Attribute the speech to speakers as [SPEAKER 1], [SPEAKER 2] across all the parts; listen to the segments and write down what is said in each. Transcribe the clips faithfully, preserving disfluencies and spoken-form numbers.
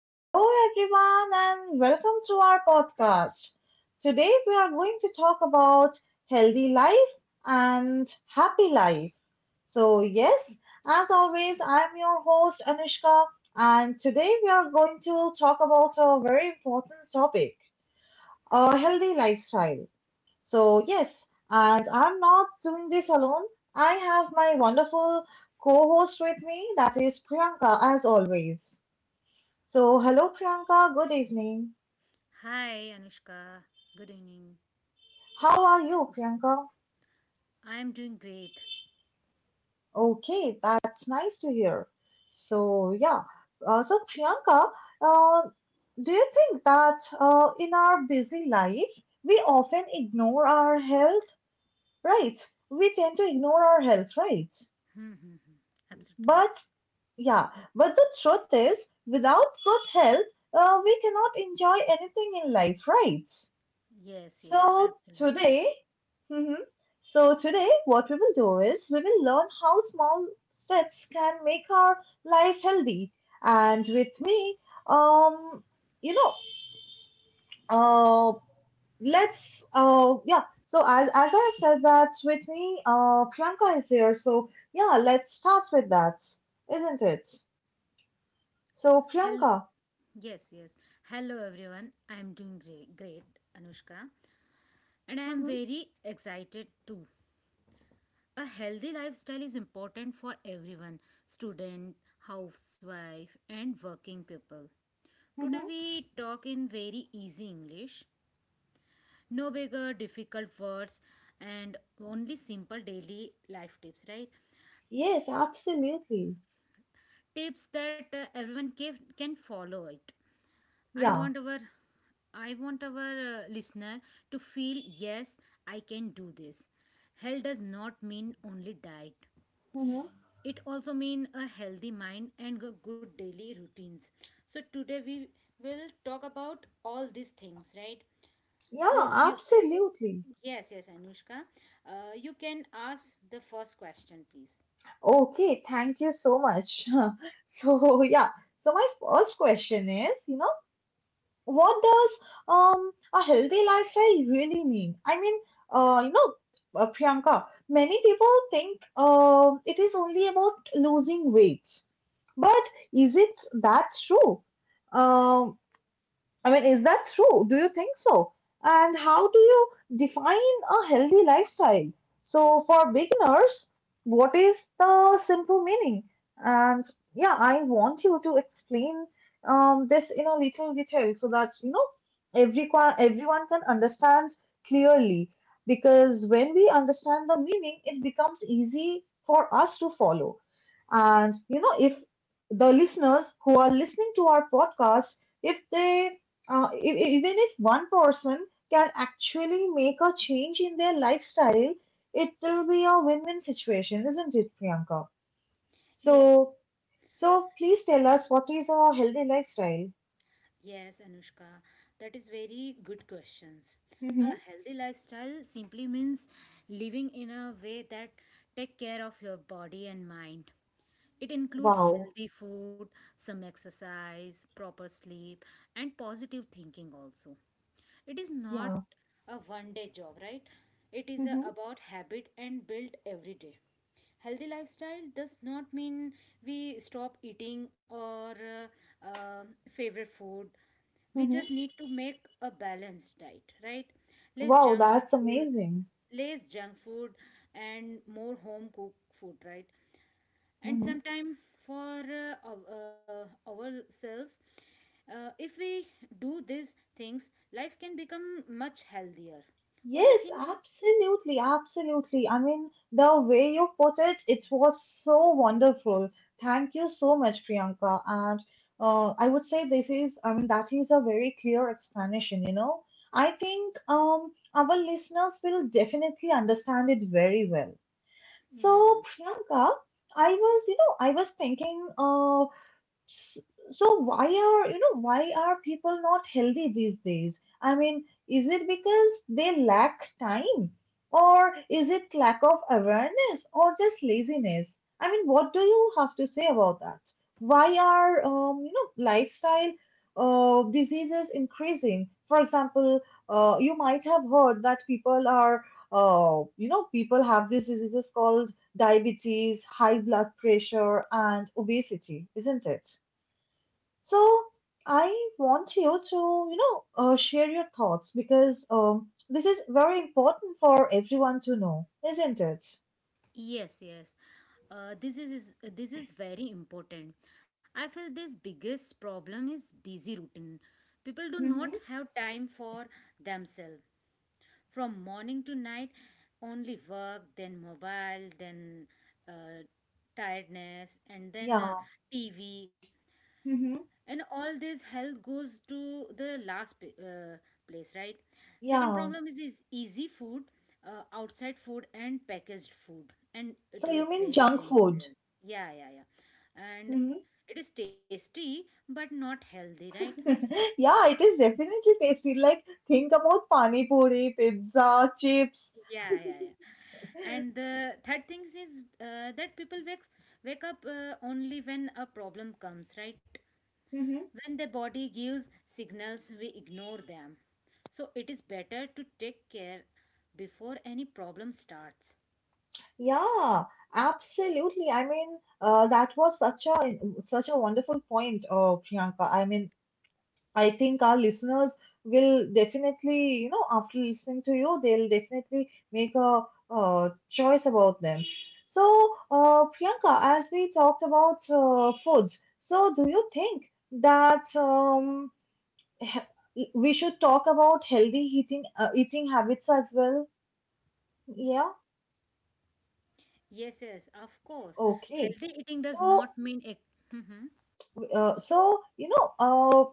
[SPEAKER 1] Hello, everyone, and welcome to our podcast. Today, we are going to talk about healthy life and happy life. So, yes, as always, I'm your host, Anushka, and today we are going to talk about a very important topic, a healthy lifestyle. So, yes, and I'm not doing this alone. I have my wonderful co host with me, that is Priyanka, as always. So, hello Priyanka, good evening.
[SPEAKER 2] Hi, Anushka. Good evening.
[SPEAKER 1] How are you, Priyanka?
[SPEAKER 2] I'm doing great.
[SPEAKER 1] Okay, that's nice to hear. So, yeah, uh, so Priyanka, uh, do you think that uh, in our busy life, we often ignore our health, right? We tend to ignore our health, right?
[SPEAKER 2] Hmm, hmm, hmm, absolutely.
[SPEAKER 1] But, yeah, but the truth is, without good health, uh, we cannot enjoy anything in life, right?
[SPEAKER 2] Yes, yes,
[SPEAKER 1] So,
[SPEAKER 2] absolutely.
[SPEAKER 1] today, hmm So today, what we will do is we will learn how small steps can make our life healthy. And with me, um, you know, uh, let's, uh, yeah. So as as I have said that with me, uh, Priyanka is here. So yeah, let's start with that, isn't it? So
[SPEAKER 2] Hello.
[SPEAKER 1] Priyanka.
[SPEAKER 2] Yes, yes. Hello, everyone. I'm doing great, great, Anushka. And I'm
[SPEAKER 1] Hmm.
[SPEAKER 2] very excited too. A healthy lifestyle is important for everyone, student, housewife, and working people. Today,
[SPEAKER 1] Hmm.
[SPEAKER 2] we talk in very easy English, no bigger difficult words, and only simple daily life tips, right?
[SPEAKER 1] Yes, absolutely.
[SPEAKER 2] Tips that uh, everyone can, can follow it. i
[SPEAKER 1] Yeah.
[SPEAKER 2] want our i want our uh, listener to feel yes, I can do this. Health does not mean only diet,
[SPEAKER 1] Hmm.
[SPEAKER 2] it also mean a healthy mind and g- good daily routines. So today we will talk about all these things, right?
[SPEAKER 1] Yeah,
[SPEAKER 2] Host you.
[SPEAKER 1] absolutely.
[SPEAKER 2] Yes, yes, Anushka. Uh, you can ask the first question, please.
[SPEAKER 1] Okay, thank you so much. So, yeah, so my first question is, you know, what does um a healthy lifestyle really mean? I mean, uh, you know, uh, Priyanka, many people think um it is only about losing weight, but is it that true? Um, I mean, is that true? Do you think so? And how do you define a healthy lifestyle? So, for beginners, what is the simple meaning? And yeah, I want you to explain um, this in a little detail so that you know everyone everyone can understand clearly. Because when we understand the meaning, it becomes easy for us to follow. And you know, if the listeners who are listening to our podcast, if they uh, e- e- even if one person can actually make a change in their lifestyle, it will be a win-win situation, isn't it, Priyanka?
[SPEAKER 2] Yes,
[SPEAKER 1] So, so please tell us, what is a healthy lifestyle?
[SPEAKER 2] yes, Anushka. That is very good questions.
[SPEAKER 1] Hmm.
[SPEAKER 2] A healthy lifestyle simply means living in a way that take care of your body and mind. It includes
[SPEAKER 1] Wow.
[SPEAKER 2] healthy food, some exercise, proper sleep, and positive thinking also. It is not
[SPEAKER 1] Yeah.
[SPEAKER 2] a one day job, right? It is a,
[SPEAKER 1] Hmm.
[SPEAKER 2] about habit and built every day. Healthy lifestyle does not mean we stop eating or uh, um favorite food. We
[SPEAKER 1] Hmm.
[SPEAKER 2] just need to make a balanced diet, right? Less
[SPEAKER 1] Wow,
[SPEAKER 2] junk
[SPEAKER 1] that's
[SPEAKER 2] food,
[SPEAKER 1] amazing.
[SPEAKER 2] less junk food and more home cooked food, right? And
[SPEAKER 1] Mm-hmm.
[SPEAKER 2] sometime for uh, our- uh, ourselves, uh, if we do these things, life can become much healthier. What do you
[SPEAKER 1] Yes,
[SPEAKER 2] think?
[SPEAKER 1] absolutely, absolutely. I mean, the way you put it, it was so wonderful. Thank you so much, Priyanka. And uh, I would say this is, I mean, that is a very clear explanation, you know. I think um, our listeners will definitely understand it very well. So,
[SPEAKER 2] Yeah.
[SPEAKER 1] Priyanka, I was, you know, I was thinking, uh, S- so why are, you know, why are people not healthy these days? I mean, is it because they lack time? Or is it lack of awareness or just laziness? I mean, what do you have to say about that? Why are, um, you know, lifestyle uh, diseases increasing? For example, uh, you might have heard that people are, uh, you know, people have these diseases called diabetes, high blood pressure, and obesity, isn't it? So I want you to, you know, uh, share your thoughts, because um, this is very important for everyone to know, isn't it?
[SPEAKER 2] Yes, yes. Uh, this is is- this is very important. I feel this biggest problem is busy routine. People do not
[SPEAKER 1] Mm-hmm.
[SPEAKER 2] have time for themselves. From morning to night, only work, then mobile, then uh, tiredness, and then uh,
[SPEAKER 1] Yeah.
[SPEAKER 2] T V.
[SPEAKER 1] Mm-hmm.
[SPEAKER 2] And all this health goes to the last p- uh, place, right? Second
[SPEAKER 1] Yeah.
[SPEAKER 2] problem is is easy food, uh, outside food and packaged food, and it
[SPEAKER 1] So you
[SPEAKER 2] is
[SPEAKER 1] mean
[SPEAKER 2] very
[SPEAKER 1] junk food?
[SPEAKER 2] dangerous. Yeah, yeah, yeah. And
[SPEAKER 1] Hmm.
[SPEAKER 2] it is tasty but not healthy, right?
[SPEAKER 1] Yeah, it is definitely tasty. Like, think about pani puri, pizza, chips.
[SPEAKER 2] Yeah, yeah, yeah. And the third thing is uh, that people wakes wake up uh, only when a problem comes, right?
[SPEAKER 1] Mm-hmm.
[SPEAKER 2] When the body gives signals, we ignore them. So it is better to take care before any problem starts.
[SPEAKER 1] Yeah, absolutely. I mean, uh, that was such a such a wonderful point, uh, Priyanka. I mean, I think our listeners will definitely, you know, after listening to you, they'll definitely make a, uh choice about them. So, uh, Priyanka, as we talked about uh, food, so do you think that um, he- we should talk about healthy eating uh, eating habits as well? Yeah.
[SPEAKER 2] Yes, yes, of course.
[SPEAKER 1] Okay.
[SPEAKER 2] Healthy eating does
[SPEAKER 1] So,
[SPEAKER 2] not mean a. Mhm.
[SPEAKER 1] Uh, so, you know, uh,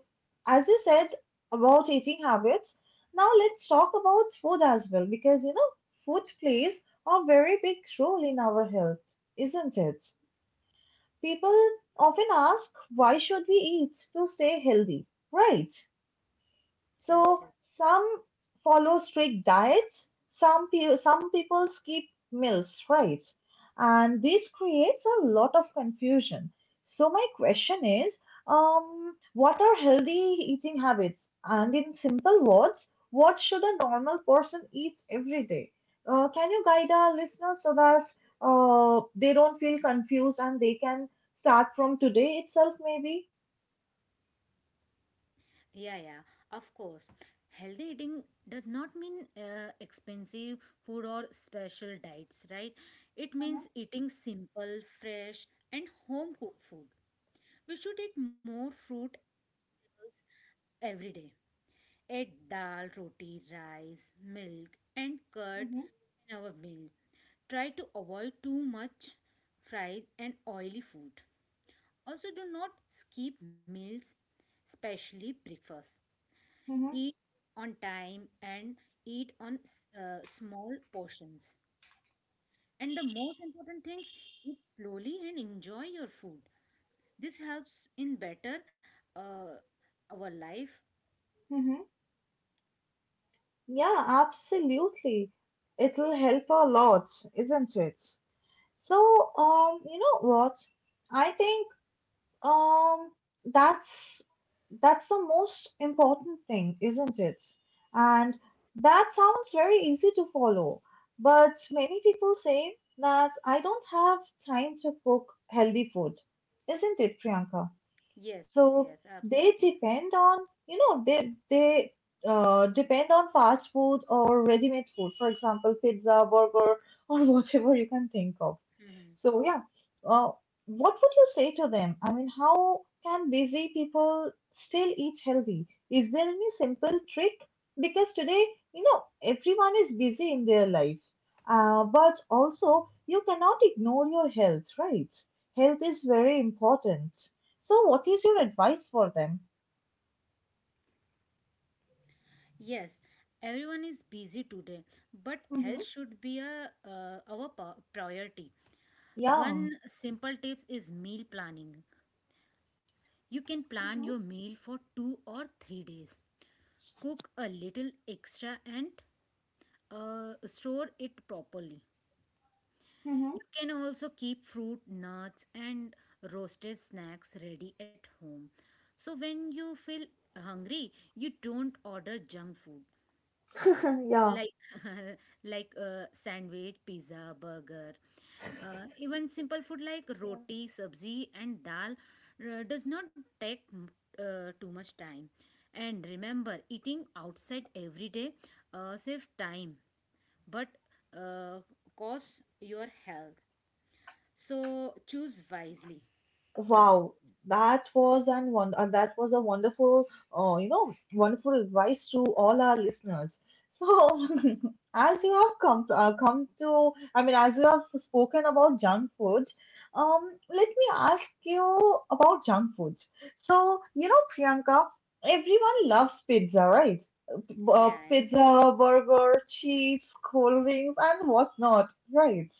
[SPEAKER 1] as you said about eating habits, now let's talk about food as well because, you know, food plays a very big role in our health, isn't it? People often ask, why should we eat to stay healthy, right?
[SPEAKER 2] Right,
[SPEAKER 1] So
[SPEAKER 2] right.
[SPEAKER 1] some follow strict diets, some pe- some people skip meals, right? And this creates a lot of confusion. So my question is, um, what are healthy eating habits? And in simple words, what should a normal person eat every day? Uh, can you guide our listeners so that uh, they don't feel confused and they can start from today itself, maybe?
[SPEAKER 2] Yeah, yeah, of course. Healthy eating does not mean uh, expensive food or special diets, right? It means eating simple, fresh, and home cooked food. We should eat more fruit and vegetables every day. Add dal, roti, rice, milk, and curd
[SPEAKER 1] Hmm.
[SPEAKER 2] in our meal. Try to avoid too much fried and oily food. Also, do not skip meals, especially breakfast.
[SPEAKER 1] Hmm.
[SPEAKER 2] Eat on time and eat on uh, small portions. And the most important things, eat slowly and enjoy your food. This helps in better uh, our life.
[SPEAKER 1] Hmm. Yeah, absolutely. It'll help a lot, isn't it? So, um, you know what? I think um that's that's the most important thing, isn't it? And that sounds very easy to follow, but many people say that I don't have time to cook healthy food, isn't it, Priyanka?
[SPEAKER 2] Yes, yes,
[SPEAKER 1] So
[SPEAKER 2] absolutely.
[SPEAKER 1] they depend on, you know, they they uh, depend on fast food or ready-made food, for example, pizza, burger, or whatever you can think of. So yeah, uh, what would you say to them? I mean, how can busy people still eat healthy? Is there any simple trick? Because today, you know, everyone is busy in their life, uh, but also you cannot ignore your health, right? Health is very important. So, what is your advice for them?
[SPEAKER 2] Yes, everyone is busy today, but
[SPEAKER 1] Mm-hmm.
[SPEAKER 2] health should be a uh, our po- priority.
[SPEAKER 1] Yeah.
[SPEAKER 2] One simple tips is meal planning. You can plan your meal for two or three days. Cook a little extra and uh, store it properly.
[SPEAKER 1] Mm-hmm.
[SPEAKER 2] You can also keep fruit, nuts and roasted snacks ready at home. So when you feel hungry, you don't order junk food.
[SPEAKER 1] Mm-hmm.
[SPEAKER 2] Like like uh, sandwich, pizza, burger, uh, even simple food like
[SPEAKER 1] Yeah.
[SPEAKER 2] roti, sabzi and dal uh, does not take mm, uh, too much time. And remember, eating outside every day uh, save time but uh, costs your health, so choose wisely your food.
[SPEAKER 1] Wow, that was an one uh, that was a wonderful, uh, you know, wonderful advice to all our listeners. So, as you have come to, uh, come to, I mean, as you have spoken about junk food, um, let me ask you about junk foods. So, you know, Priyanka, everyone loves pizza, right?
[SPEAKER 2] Yeah,
[SPEAKER 1] Uh,
[SPEAKER 2] yeah.
[SPEAKER 1] pizza, burger, chips, cold drinks, and whatnot, right?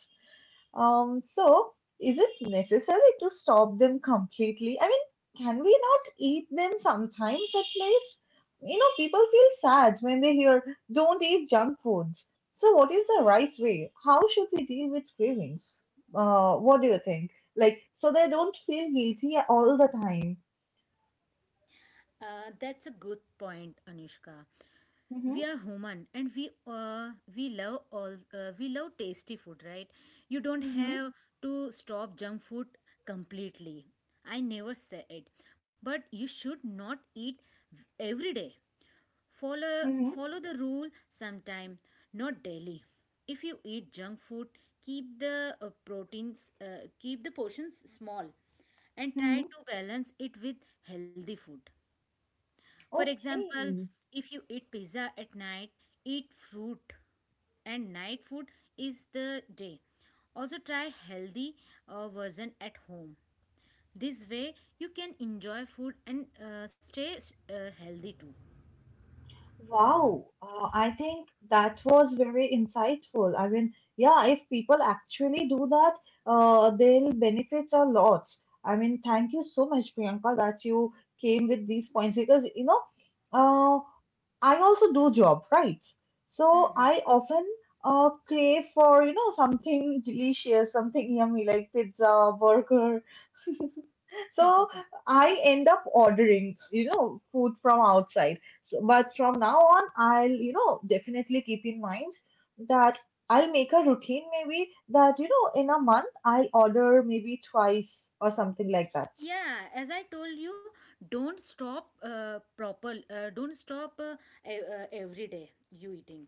[SPEAKER 1] Um, so, is it necessary to stop them completely? I mean, can we not eat them sometimes at least? You know, people feel sad when they hear, don't eat junk foods. So what is the right way? How should we deal with cravings? Uh, what do you think? Like, so they don't feel guilty all the time.
[SPEAKER 2] Uh, that's a good point, Anushka.
[SPEAKER 1] Mm-hmm.
[SPEAKER 2] We are human and we uh, we love all uh, we love tasty food, right? You don't
[SPEAKER 1] Mm-hmm.
[SPEAKER 2] have to stop junk food completely. I never say it, but you should not eat v- every day. follow
[SPEAKER 1] Mm-hmm.
[SPEAKER 2] Follow the rule sometime, not daily. If you eat junk food, keep the uh, proteins uh, keep the portions small and try
[SPEAKER 1] Mm-hmm.
[SPEAKER 2] to balance it with healthy food. For example,
[SPEAKER 1] Okay.
[SPEAKER 2] if you eat pizza at night, eat fruit, and night food is the day. Also try healthy uh, version at home. This way you can enjoy food and uh, stay uh, healthy too.
[SPEAKER 1] Wow, uh, I think that was very insightful. I mean, yeah, if people actually do that, uh, they'll benefit a lot. I mean, thank you so much, Priyanka, that you came with these points because, you know, uh, I also do job, right? So I often uh, crave for, you know, something delicious, something yummy like pizza, burger, so I end up ordering, you know, food from outside. So, but from now on, I'll, you know, definitely keep in mind that I'll make a routine maybe that, you know, in a month I'll order maybe twice or something like that.
[SPEAKER 2] Yeah, as I told you, don't stop uh, proper uh, don't stop uh, e- uh, every day you eating.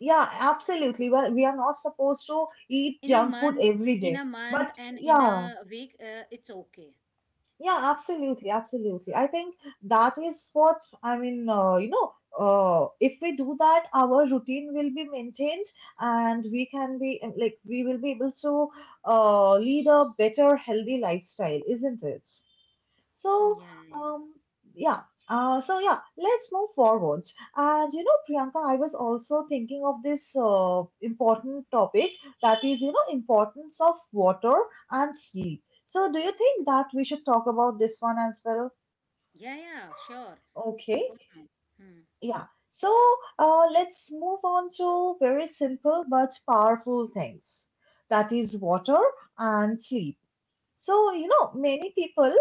[SPEAKER 1] Yeah, absolutely. Well, we are not supposed to eat
[SPEAKER 2] In a
[SPEAKER 1] junk food
[SPEAKER 2] month,
[SPEAKER 1] every
[SPEAKER 2] in
[SPEAKER 1] day.
[SPEAKER 2] a month
[SPEAKER 1] But
[SPEAKER 2] and in
[SPEAKER 1] yeah,
[SPEAKER 2] a week, uh, it's okay.
[SPEAKER 1] Yeah, absolutely, absolutely. I think that is what I mean. Uh, you know, uh, if we do that, our routine will be maintained, and we can be uh, like we will be able to uh, lead a better, healthy lifestyle, isn't it? So,
[SPEAKER 2] Yeah, yeah.
[SPEAKER 1] um, yeah. Uh, so yeah, let's move forwards. And you know, Priyanka, I was also thinking of this uh, important topic, that is, you know, importance of water and sleep. So, do you think that we should talk about this one as well?
[SPEAKER 2] Yeah, yeah, sure. Of
[SPEAKER 1] Okay,
[SPEAKER 2] course not. Hmm.
[SPEAKER 1] yeah. So, uh, let's move on to very simple but powerful things. That is water and sleep. So, you know, many people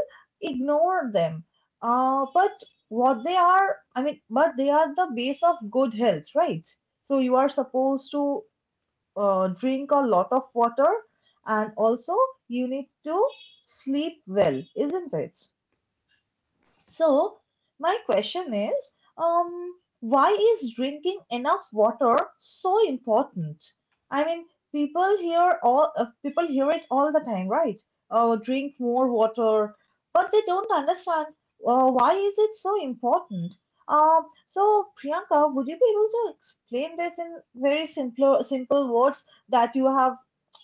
[SPEAKER 1] ignore them. Uh, but what they are, I mean, but they are the base of good health, right? So, you are supposed to uh, drink a lot of water, and also you need to sleep well, isn't it? So, my question is, um, why is drinking enough water so important? I mean, people hear all uh, people hear it all the time, right? Oh, drink more water, but they don't understand uh, why is it so important. Um, so Priyanka, would you be able to explain this in very simple simple words that you have,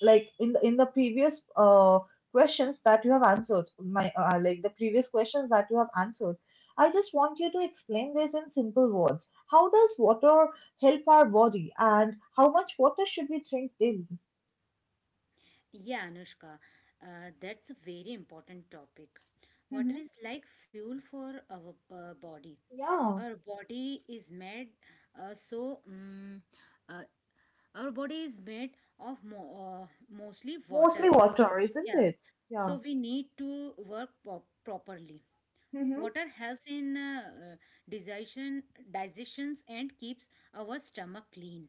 [SPEAKER 1] like in the, in the previous uh, questions that you have answered, my uh, like the previous questions that you have answered. I just want you to explain this in simple words. How does water help our body, and how much water should we drink daily?
[SPEAKER 2] Yeah, Anushka, uh, that's a very important topic. Water
[SPEAKER 1] Hmm.
[SPEAKER 2] is like fuel for our uh, body.
[SPEAKER 1] Yeah,
[SPEAKER 2] Our body is made uh, so um, uh, our body is made of mo- uh, mostly
[SPEAKER 1] mostly
[SPEAKER 2] water.
[SPEAKER 1] water, isn't
[SPEAKER 2] Yeah,
[SPEAKER 1] it?
[SPEAKER 2] so
[SPEAKER 1] Yeah.
[SPEAKER 2] we need to work pro- properly.
[SPEAKER 1] Hmm.
[SPEAKER 2] Water helps in uh, uh, digestion, digestions and keeps our stomach clean.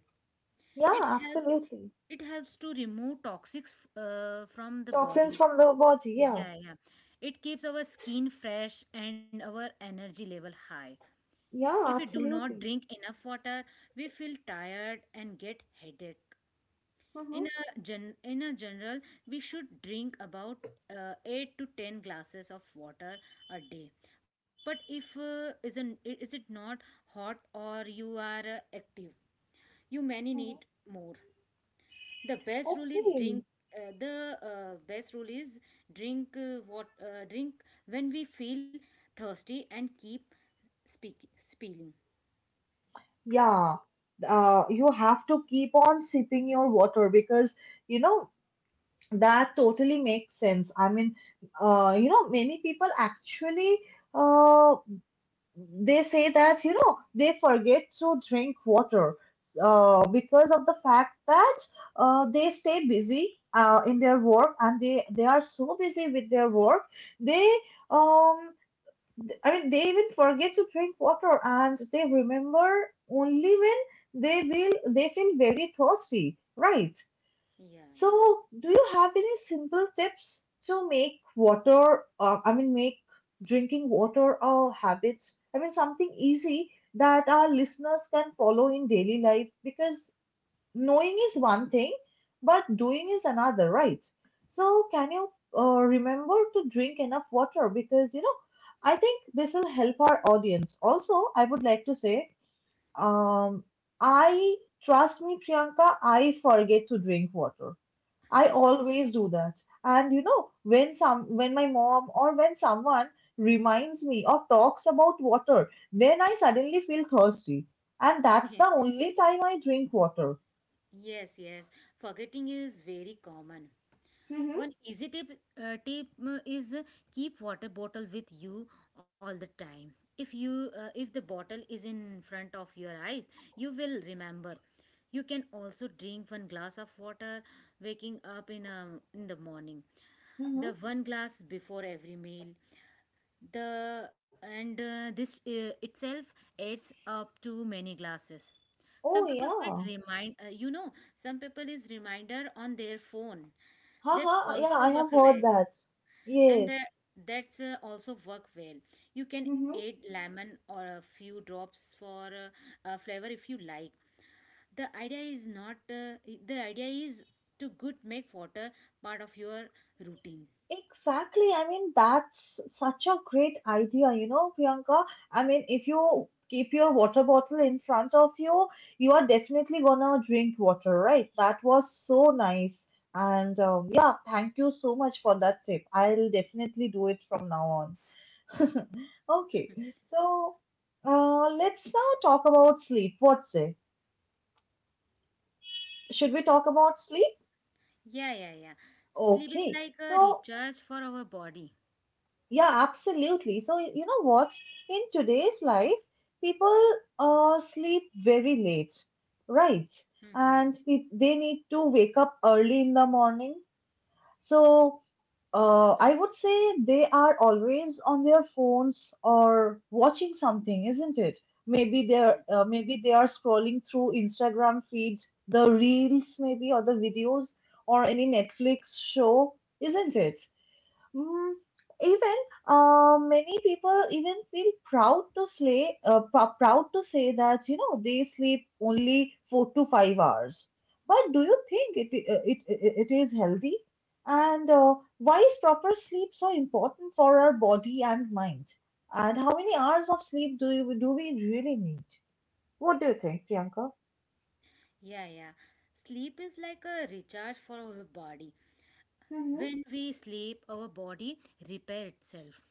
[SPEAKER 1] Yeah,
[SPEAKER 2] It helps,
[SPEAKER 1] absolutely.
[SPEAKER 2] it helps to remove toxics f- uh, from the
[SPEAKER 1] Toxins
[SPEAKER 2] body.
[SPEAKER 1] from the body. Yeah.
[SPEAKER 2] Yeah, yeah. It keeps our skin fresh and our energy level high.
[SPEAKER 1] Yeah,
[SPEAKER 2] If we do not
[SPEAKER 1] absolutely.
[SPEAKER 2] drink enough water, we feel tired and get headache.
[SPEAKER 1] Hmm.
[SPEAKER 2] In a gen- in a general, we should drink about uh, eight to ten glasses of water a day. But if uh, isn't is it not hot, or you are uh, active, you many
[SPEAKER 1] Hmm.
[SPEAKER 2] need more. The best rule is
[SPEAKER 1] Okay.
[SPEAKER 2] drink uh, the uh, best rule is drink uh, what uh, drink when we feel thirsty and keep speak spilling.
[SPEAKER 1] Yeah. Uh, you have to keep on sipping your water because you know That totally makes sense. I mean, uh, you know, many people actually, uh, they say that you know they forget to drink water, uh, because of the fact that, uh, they stay busy, uh, in their work, and they they are so busy with their work they um th- I mean, they even forget to drink water, and they remember only when they will they feel very thirsty, right?
[SPEAKER 2] Yeah,
[SPEAKER 1] So, do you have any simple tips to make water, uh, I mean, make drinking water a habit? I mean, something easy that our listeners can follow in daily life, because knowing is one thing, but doing is another, right? So, can you uh, remember to drink enough water? Because, you know, I think this will help our audience. Also, I would like to say, um, I, trust me, Priyanka, I forget to drink water. I always do that. And you know, when some when my mom or when someone reminds me or talks about water, then I suddenly feel thirsty. And that's
[SPEAKER 2] yeah.
[SPEAKER 1] the only time I drink water.
[SPEAKER 2] Yes, yes, forgetting is very common.
[SPEAKER 1] Mm-hmm.
[SPEAKER 2] One easy tip, uh, tip uh, is uh, keep water bottle with you all the time. If you uh, if the bottle is in front of your eyes, you will remember. You can also drink one glass of water waking up in a, in the morning.
[SPEAKER 1] Mm-hmm.
[SPEAKER 2] The one glass before every meal, the and uh, this uh, itself adds up to many glasses.
[SPEAKER 1] Oh
[SPEAKER 2] Some people said
[SPEAKER 1] yeah.
[SPEAKER 2] remind, uh, you know, some people is reminder on their phone. That's
[SPEAKER 1] Haha, yeah,
[SPEAKER 2] also
[SPEAKER 1] I have
[SPEAKER 2] work
[SPEAKER 1] heard
[SPEAKER 2] well,
[SPEAKER 1] that.
[SPEAKER 2] and that
[SPEAKER 1] Yes.
[SPEAKER 2] that's uh, also work well. You can add lemon or a few drops for uh, uh, flavor if you like. The idea is not uh, the idea is to good make water part of your routine.
[SPEAKER 1] Exactly. I mean, that's such a great idea, you know, Priyanka. I mean, if you keep your water bottle in front of you, you are definitely gonna drink water, right? That was so nice. And um, yeah, thank you so much for that tip. I'll definitely do it from now on. Okay, so uh, let's now talk about sleep. What say? Should we talk about sleep?
[SPEAKER 2] Yeah, yeah, yeah. Sleep is
[SPEAKER 1] Okay.
[SPEAKER 2] like a
[SPEAKER 1] So
[SPEAKER 2] recharge for our body.
[SPEAKER 1] yeah, absolutely. So, you know what? In today's life, people uh, sleep very late, right?
[SPEAKER 2] Mm-hmm.
[SPEAKER 1] And pe- they need to wake up early in the morning. So, uh, I would say they are always on their phones or watching something, isn't it? Maybe they're
[SPEAKER 2] Yes.
[SPEAKER 1] uh, maybe they are scrolling through Instagram feed, the reels maybe, or the videos, or any Netflix show, isn't it? Mm, even uh, many people even feel proud to say uh, pr- proud to say that you know they sleep only four to five hours. But do you think it uh, it it it is healthy? And uh, why is proper sleep so important for our body and mind? And how many hours of sleep do you, do we really need? What do you think, Priyanka?
[SPEAKER 2] Yeah, yeah. Sleep is like a recharge for our body.
[SPEAKER 1] Mm-hmm.
[SPEAKER 2] When we sleep, our body repair itself.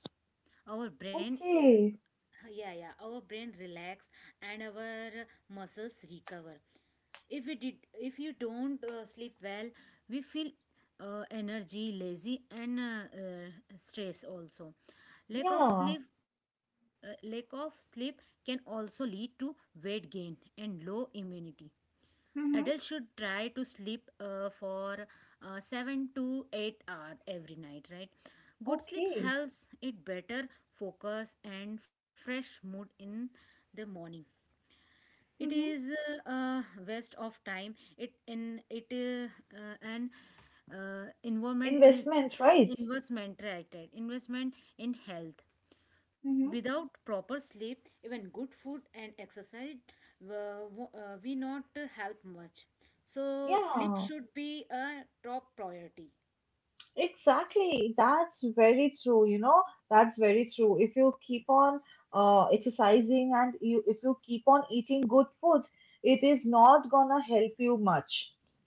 [SPEAKER 2] Our brain,
[SPEAKER 1] Okay.
[SPEAKER 2] yeah, yeah, our brain relax and our muscles recover. If we did, if you don't uh, sleep well, we feel uh, energy, lazy, and uh, uh, stress also. Lack of
[SPEAKER 1] Yeah.
[SPEAKER 2] sleep, uh, lack of sleep can also lead to weight gain and low immunity. Adults
[SPEAKER 1] Mm-hmm.
[SPEAKER 2] should try to sleep uh, for uh, seven to eight hours every night, right? Good sleep
[SPEAKER 1] Okay.
[SPEAKER 2] helps it better focus and fresh mood in the morning. It
[SPEAKER 1] Mm-hmm.
[SPEAKER 2] is a uh, uh, waste of time. It in it uh, uh, an uh, environment is
[SPEAKER 1] Investments, right?
[SPEAKER 2] investment, right? Right? Investment in health. Without proper sleep, even good food and exercise uh, uh, we not help much. So sleep
[SPEAKER 1] Yeah,
[SPEAKER 2] should be a top priority.
[SPEAKER 1] exactly. That's very true, you know. That's very true. If you keep on uh, exercising and you if you keep on eating good food, it is not gonna help you much.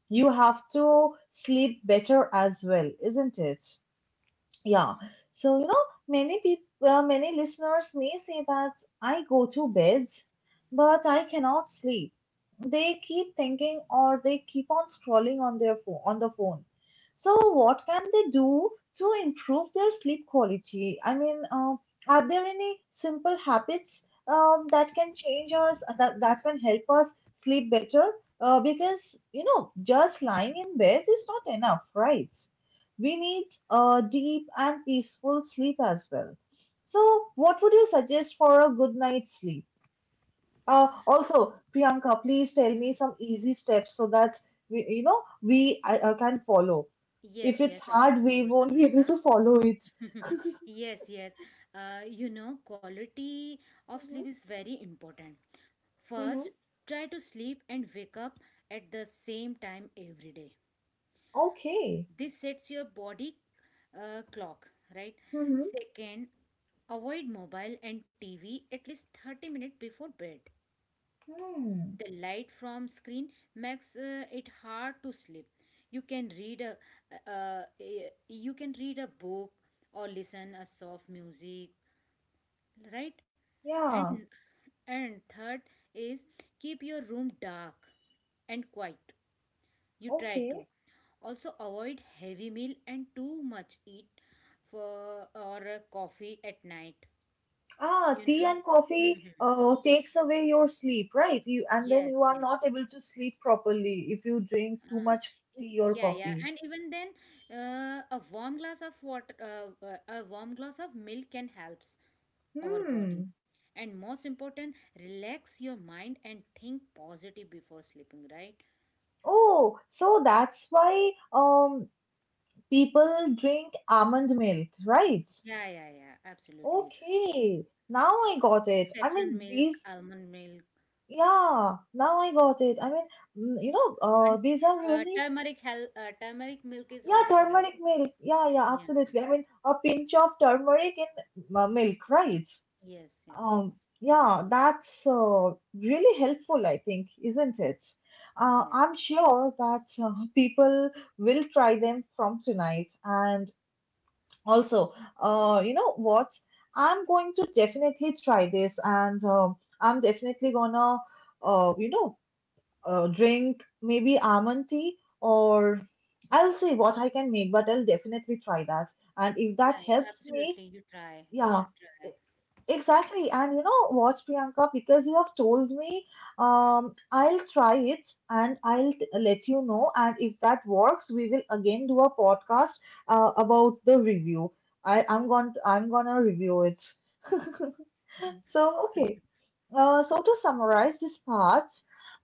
[SPEAKER 1] You have to sleep better as well, isn't it? Yeah. So, you know, many people, uh, many listeners may say that I go to bed, but I cannot sleep. They keep thinking or they keep on scrolling on their phone, on the phone. So, what can they do to improve their sleep quality? I mean, uh, are there any simple habits um, that can change us, uh, that, that can help us sleep better? Uh, because, you know, just lying in bed is not enough, right? We need a deep and peaceful sleep as well. So, what would you suggest for a good night's sleep? Uh, also, Priyanka, please tell me some easy steps so that we, you know we uh, uh, can follow. If
[SPEAKER 2] Yes,
[SPEAKER 1] it's
[SPEAKER 2] yes, of
[SPEAKER 1] hard, we
[SPEAKER 2] course,
[SPEAKER 1] won't be able
[SPEAKER 2] Anushka.
[SPEAKER 1] to follow it.
[SPEAKER 2] Yes, yes. Uh, you know, quality of sleep
[SPEAKER 1] Hmm.
[SPEAKER 2] is very important.
[SPEAKER 1] Hmm.
[SPEAKER 2] First, try to sleep and wake up at the same time every day.
[SPEAKER 1] Okay.
[SPEAKER 2] This sets your body uh, clock, right?
[SPEAKER 1] Hmm.
[SPEAKER 2] Second, avoid mobile and TV at least thirty minutes before bed.
[SPEAKER 1] Hmm.
[SPEAKER 2] The light from screen makes uh, it hard to sleep. You can read a uh, a- you can read a book or listen a soft music, right? and
[SPEAKER 1] Yeah.
[SPEAKER 2] and third is, keep your room dark and quiet. You try to
[SPEAKER 1] Okay.
[SPEAKER 2] Also avoid heavy meal and too much eat for or uh, coffee at night,
[SPEAKER 1] Ah,
[SPEAKER 2] you
[SPEAKER 1] tea
[SPEAKER 2] know.
[SPEAKER 1] and coffee
[SPEAKER 2] Mhm.
[SPEAKER 1] uh, takes away your sleep, right? You and then you
[SPEAKER 2] Yes,
[SPEAKER 1] are
[SPEAKER 2] yes.
[SPEAKER 1] not able to sleep properly if you drink too
[SPEAKER 2] Ah,
[SPEAKER 1] much
[SPEAKER 2] e-
[SPEAKER 1] tea or
[SPEAKER 2] yeah, yeah.
[SPEAKER 1] coffee.
[SPEAKER 2] And even then, uh, a warm glass of water, uh, uh, a warm glass of milk can helps our
[SPEAKER 1] Hmm.
[SPEAKER 2] body. And most important, relax your mind and think positive before sleeping, right?
[SPEAKER 1] Oh, so that's why um people drink almond milk, right?
[SPEAKER 2] Yeah, yeah, yeah, absolutely.
[SPEAKER 1] Okay, now I got it. I
[SPEAKER 2] Saffron
[SPEAKER 1] mean
[SPEAKER 2] milk,
[SPEAKER 1] these,
[SPEAKER 2] almond milk.
[SPEAKER 1] yeah, now I got it. I mean, mm, you know,
[SPEAKER 2] And
[SPEAKER 1] uh, these are
[SPEAKER 2] uh,
[SPEAKER 1] really
[SPEAKER 2] turmeric help, uh, turmeric milk is
[SPEAKER 1] yeah,
[SPEAKER 2] also help.
[SPEAKER 1] turmeric milk. Yeah, yeah,
[SPEAKER 2] Yeah.
[SPEAKER 1] absolutely. I mean, a pinch of turmeric in uh, milk, right?
[SPEAKER 2] Yes, yes,
[SPEAKER 1] Um, yeah, that's uh, really helpful, I think, isn't it? Uh,
[SPEAKER 2] yes.
[SPEAKER 1] I'm sure that uh, people will try them from tonight. And also, uh, you know what? I'm going to definitely try this, and um, I'm definitely gonna, uh, you know, uh, drink maybe almond tea, or I'll see what I can make, but I'll definitely try that. And if that
[SPEAKER 2] Yeah, yeah,
[SPEAKER 1] helps me,
[SPEAKER 2] absolutely. You try. You
[SPEAKER 1] yeah,
[SPEAKER 2] should
[SPEAKER 1] e-
[SPEAKER 2] try.
[SPEAKER 1] exactly. And you know what, Priyanka, because you have told me, um, I'll try it and I'll t- let you know. And if that works, we will again do a podcast uh, about the review. I, I'm going to, I'm gonna review it. So, okay. Uh, so to summarize this part,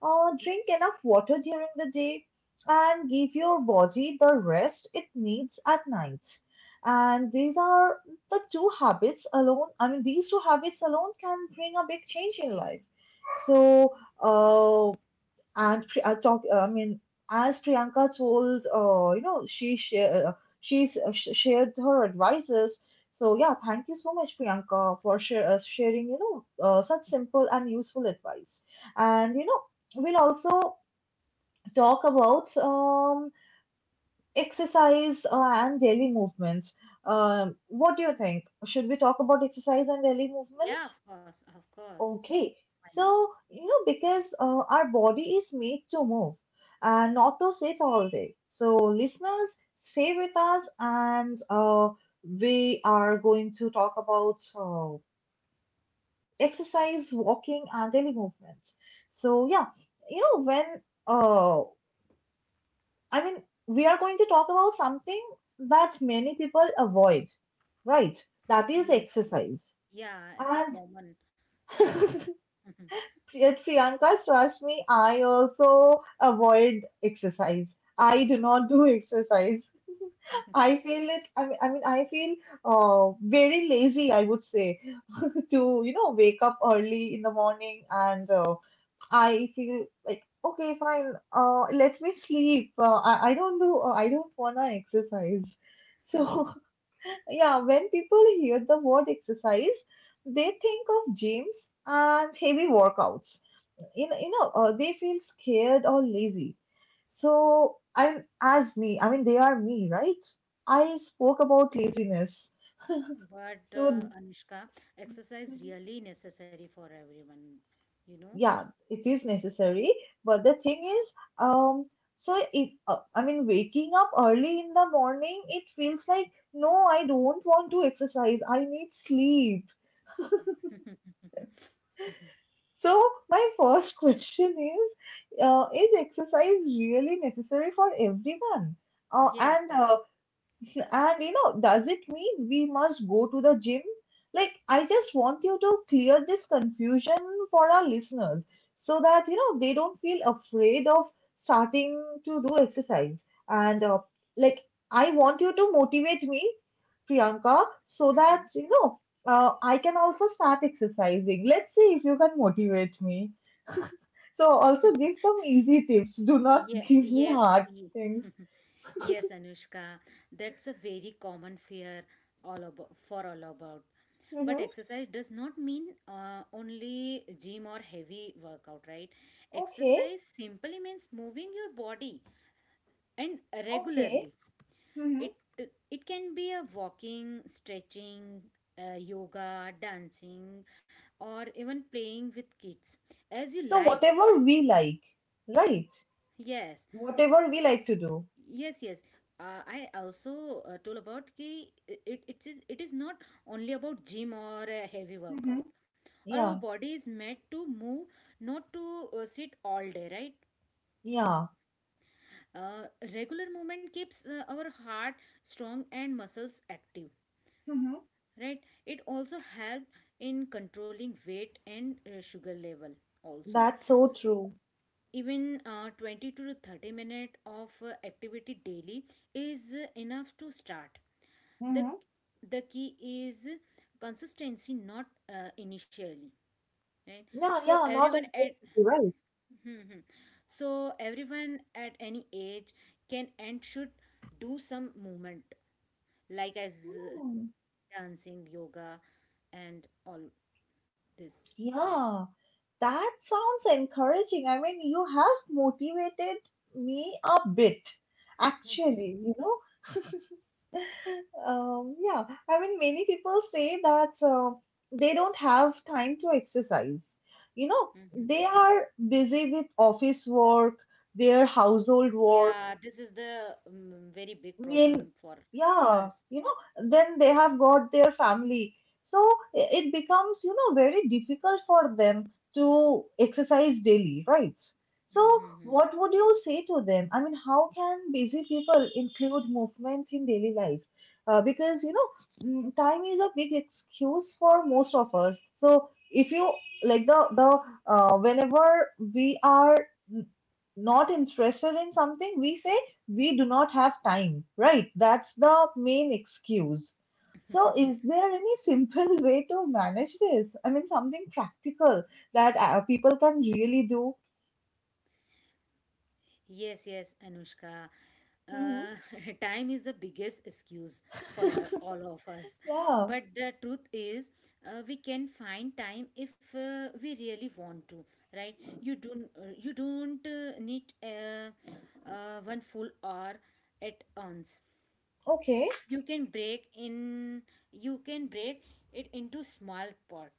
[SPEAKER 1] uh, drink enough water during the day and give your body the rest it needs at night. And these are the two habits alone. I mean, these two habits alone can bring a big change in life. So, uh, and Pri- uh, talk. Uh, I mean, as Priyanka told, uh, you know, she share, uh, she's uh, sh- shared her advices. So yeah, thank you so much, Priyanka, for share, uh, sharing. You know, uh, such simple and useful advice. And you know, we'll also talk about um, exercise uh, and daily movement. Um, what do you think? Should we talk about exercise and daily movement?
[SPEAKER 2] Yeah, of course, of course.
[SPEAKER 1] Okay,
[SPEAKER 2] Why not?
[SPEAKER 1] so you know, because uh, our body is made to move and not to sit all day. So, listeners, stay with us, and uh, we are going to talk about uh, exercise, walking, and daily movements. So, yeah, you know, when uh, I mean, we are going to talk about something that many people avoid, right? That is
[SPEAKER 2] Yes, yes.
[SPEAKER 1] exercise.
[SPEAKER 2] Yeah, it's a
[SPEAKER 1] And
[SPEAKER 2] common factor.
[SPEAKER 1] yet Priyanka, trust me, I also avoid exercise. I do not do exercise. I feel it. I mean, I mean, I feel uh, very lazy. I would say to you know wake up early in the morning, and uh, I feel like okay, fine. Uh, let me sleep. Uh, I I don't do. Uh, I don't wanna exercise. So yeah, when people hear the word exercise, they think of gyms and heavy workouts you know, you know uh, they feel scared or lazy. So I, as me, I mean, they are me, right? I spoke about laziness.
[SPEAKER 2] But
[SPEAKER 1] So mm-hmm,
[SPEAKER 2] uh, Anushka, exercise really necessary for everyone, you know?
[SPEAKER 1] yeah, it is necessary. But the thing is, um, so it, uh, I mean, waking up early in the morning, it feels like no, I don't want to exercise. I need sleep. So my first question is, uh, is exercise really necessary for everyone? Uh,
[SPEAKER 2] Yes,
[SPEAKER 1] and
[SPEAKER 2] yes.
[SPEAKER 1] uh, And you know, does it mean we must go to the gym? Like, I just want you to clear this confusion for our listeners so that you know they don't feel afraid of starting to do exercise. And uh, like, I want you to motivate me, Priyanka, so that you know uh, I can also start exercising. Let's see if you can motivate me. So, also give some easy tips. Do not
[SPEAKER 2] Ye
[SPEAKER 1] give me
[SPEAKER 2] yes,
[SPEAKER 1] hard
[SPEAKER 2] ye-
[SPEAKER 1] things.
[SPEAKER 2] yes, Anushka. That's a very common fear all about for all about. But
[SPEAKER 1] Mhm.
[SPEAKER 2] exercise does not mean uh, only gym or heavy workout, right?
[SPEAKER 1] Okay,
[SPEAKER 2] Exercise simply means moving your body and regularly.
[SPEAKER 1] okay. Mhm.
[SPEAKER 2] It it can be a walking, stretching, uh, yoga, dancing, or even playing with kids as you
[SPEAKER 1] So
[SPEAKER 2] like.
[SPEAKER 1] whatever we like, right?
[SPEAKER 2] Yes.
[SPEAKER 1] Whatever we like to do.
[SPEAKER 2] Yes, yes. Uh, I also uh, told about ki it, it is, it is not only about gym or a heavy
[SPEAKER 1] Mm-hmm.
[SPEAKER 2] workout. Our
[SPEAKER 1] Yeah,
[SPEAKER 2] body is made to move, not to uh, sit all day, right?
[SPEAKER 1] yeah.
[SPEAKER 2] Uh, regular movement keeps uh, our heart strong and muscles active,
[SPEAKER 1] Mm-hmm.
[SPEAKER 2] right? It also help in controlling weight and uh, sugar level also.
[SPEAKER 1] That's so true.
[SPEAKER 2] Even uh, twenty to thirty minutes of uh, activity daily is uh, enough to start. The
[SPEAKER 1] Mm-hmm.
[SPEAKER 2] the key is consistency, not uh, initially, right?
[SPEAKER 1] Yeah,
[SPEAKER 2] so
[SPEAKER 1] yeah, not
[SPEAKER 2] everyone at
[SPEAKER 1] impossible, right?
[SPEAKER 2] Hmm, hmm. So everyone at any age can and should do some movement, like as uh,
[SPEAKER 1] Mm.
[SPEAKER 2] dancing, yoga, and all this.
[SPEAKER 1] Yeah, that sounds encouraging. I mean, you have motivated me a bit, actually, you know. Um, yeah, I mean, many people say that uh, they don't have time to exercise. You know,
[SPEAKER 2] Mhm.
[SPEAKER 1] they are busy with office work, their household work,
[SPEAKER 2] yeah, this is the um, very big
[SPEAKER 1] mean,
[SPEAKER 2] problem for
[SPEAKER 1] yeah,
[SPEAKER 2] us.
[SPEAKER 1] you know, then they have got their family. So i- it becomes, you know, very difficult for them to exercise daily, right? So
[SPEAKER 2] Mhm,
[SPEAKER 1] what would you say to them? I mean, how can busy people include movement in daily life? Uh, because, you know, mm, time is a big excuse for most of us. So if you like the, the, uh, whenever we are n- not interested in something, we say, we do not have time, right? That's the main excuse. So,
[SPEAKER 2] mhm.
[SPEAKER 1] is there any simple way to manage this? I mean, something practical that uh, people can really do.
[SPEAKER 2] Yes, yes, Anushka.
[SPEAKER 1] Hmm.
[SPEAKER 2] Uh, time is the biggest excuse for all, all of us.
[SPEAKER 1] yeah.
[SPEAKER 2] But the truth is, uh, we can find time if uh, we really want to, right? You don't, uh, you don't uh, need uh, uh, one full hour at once.
[SPEAKER 1] Okay.
[SPEAKER 2] You can break in, you can break it into small part.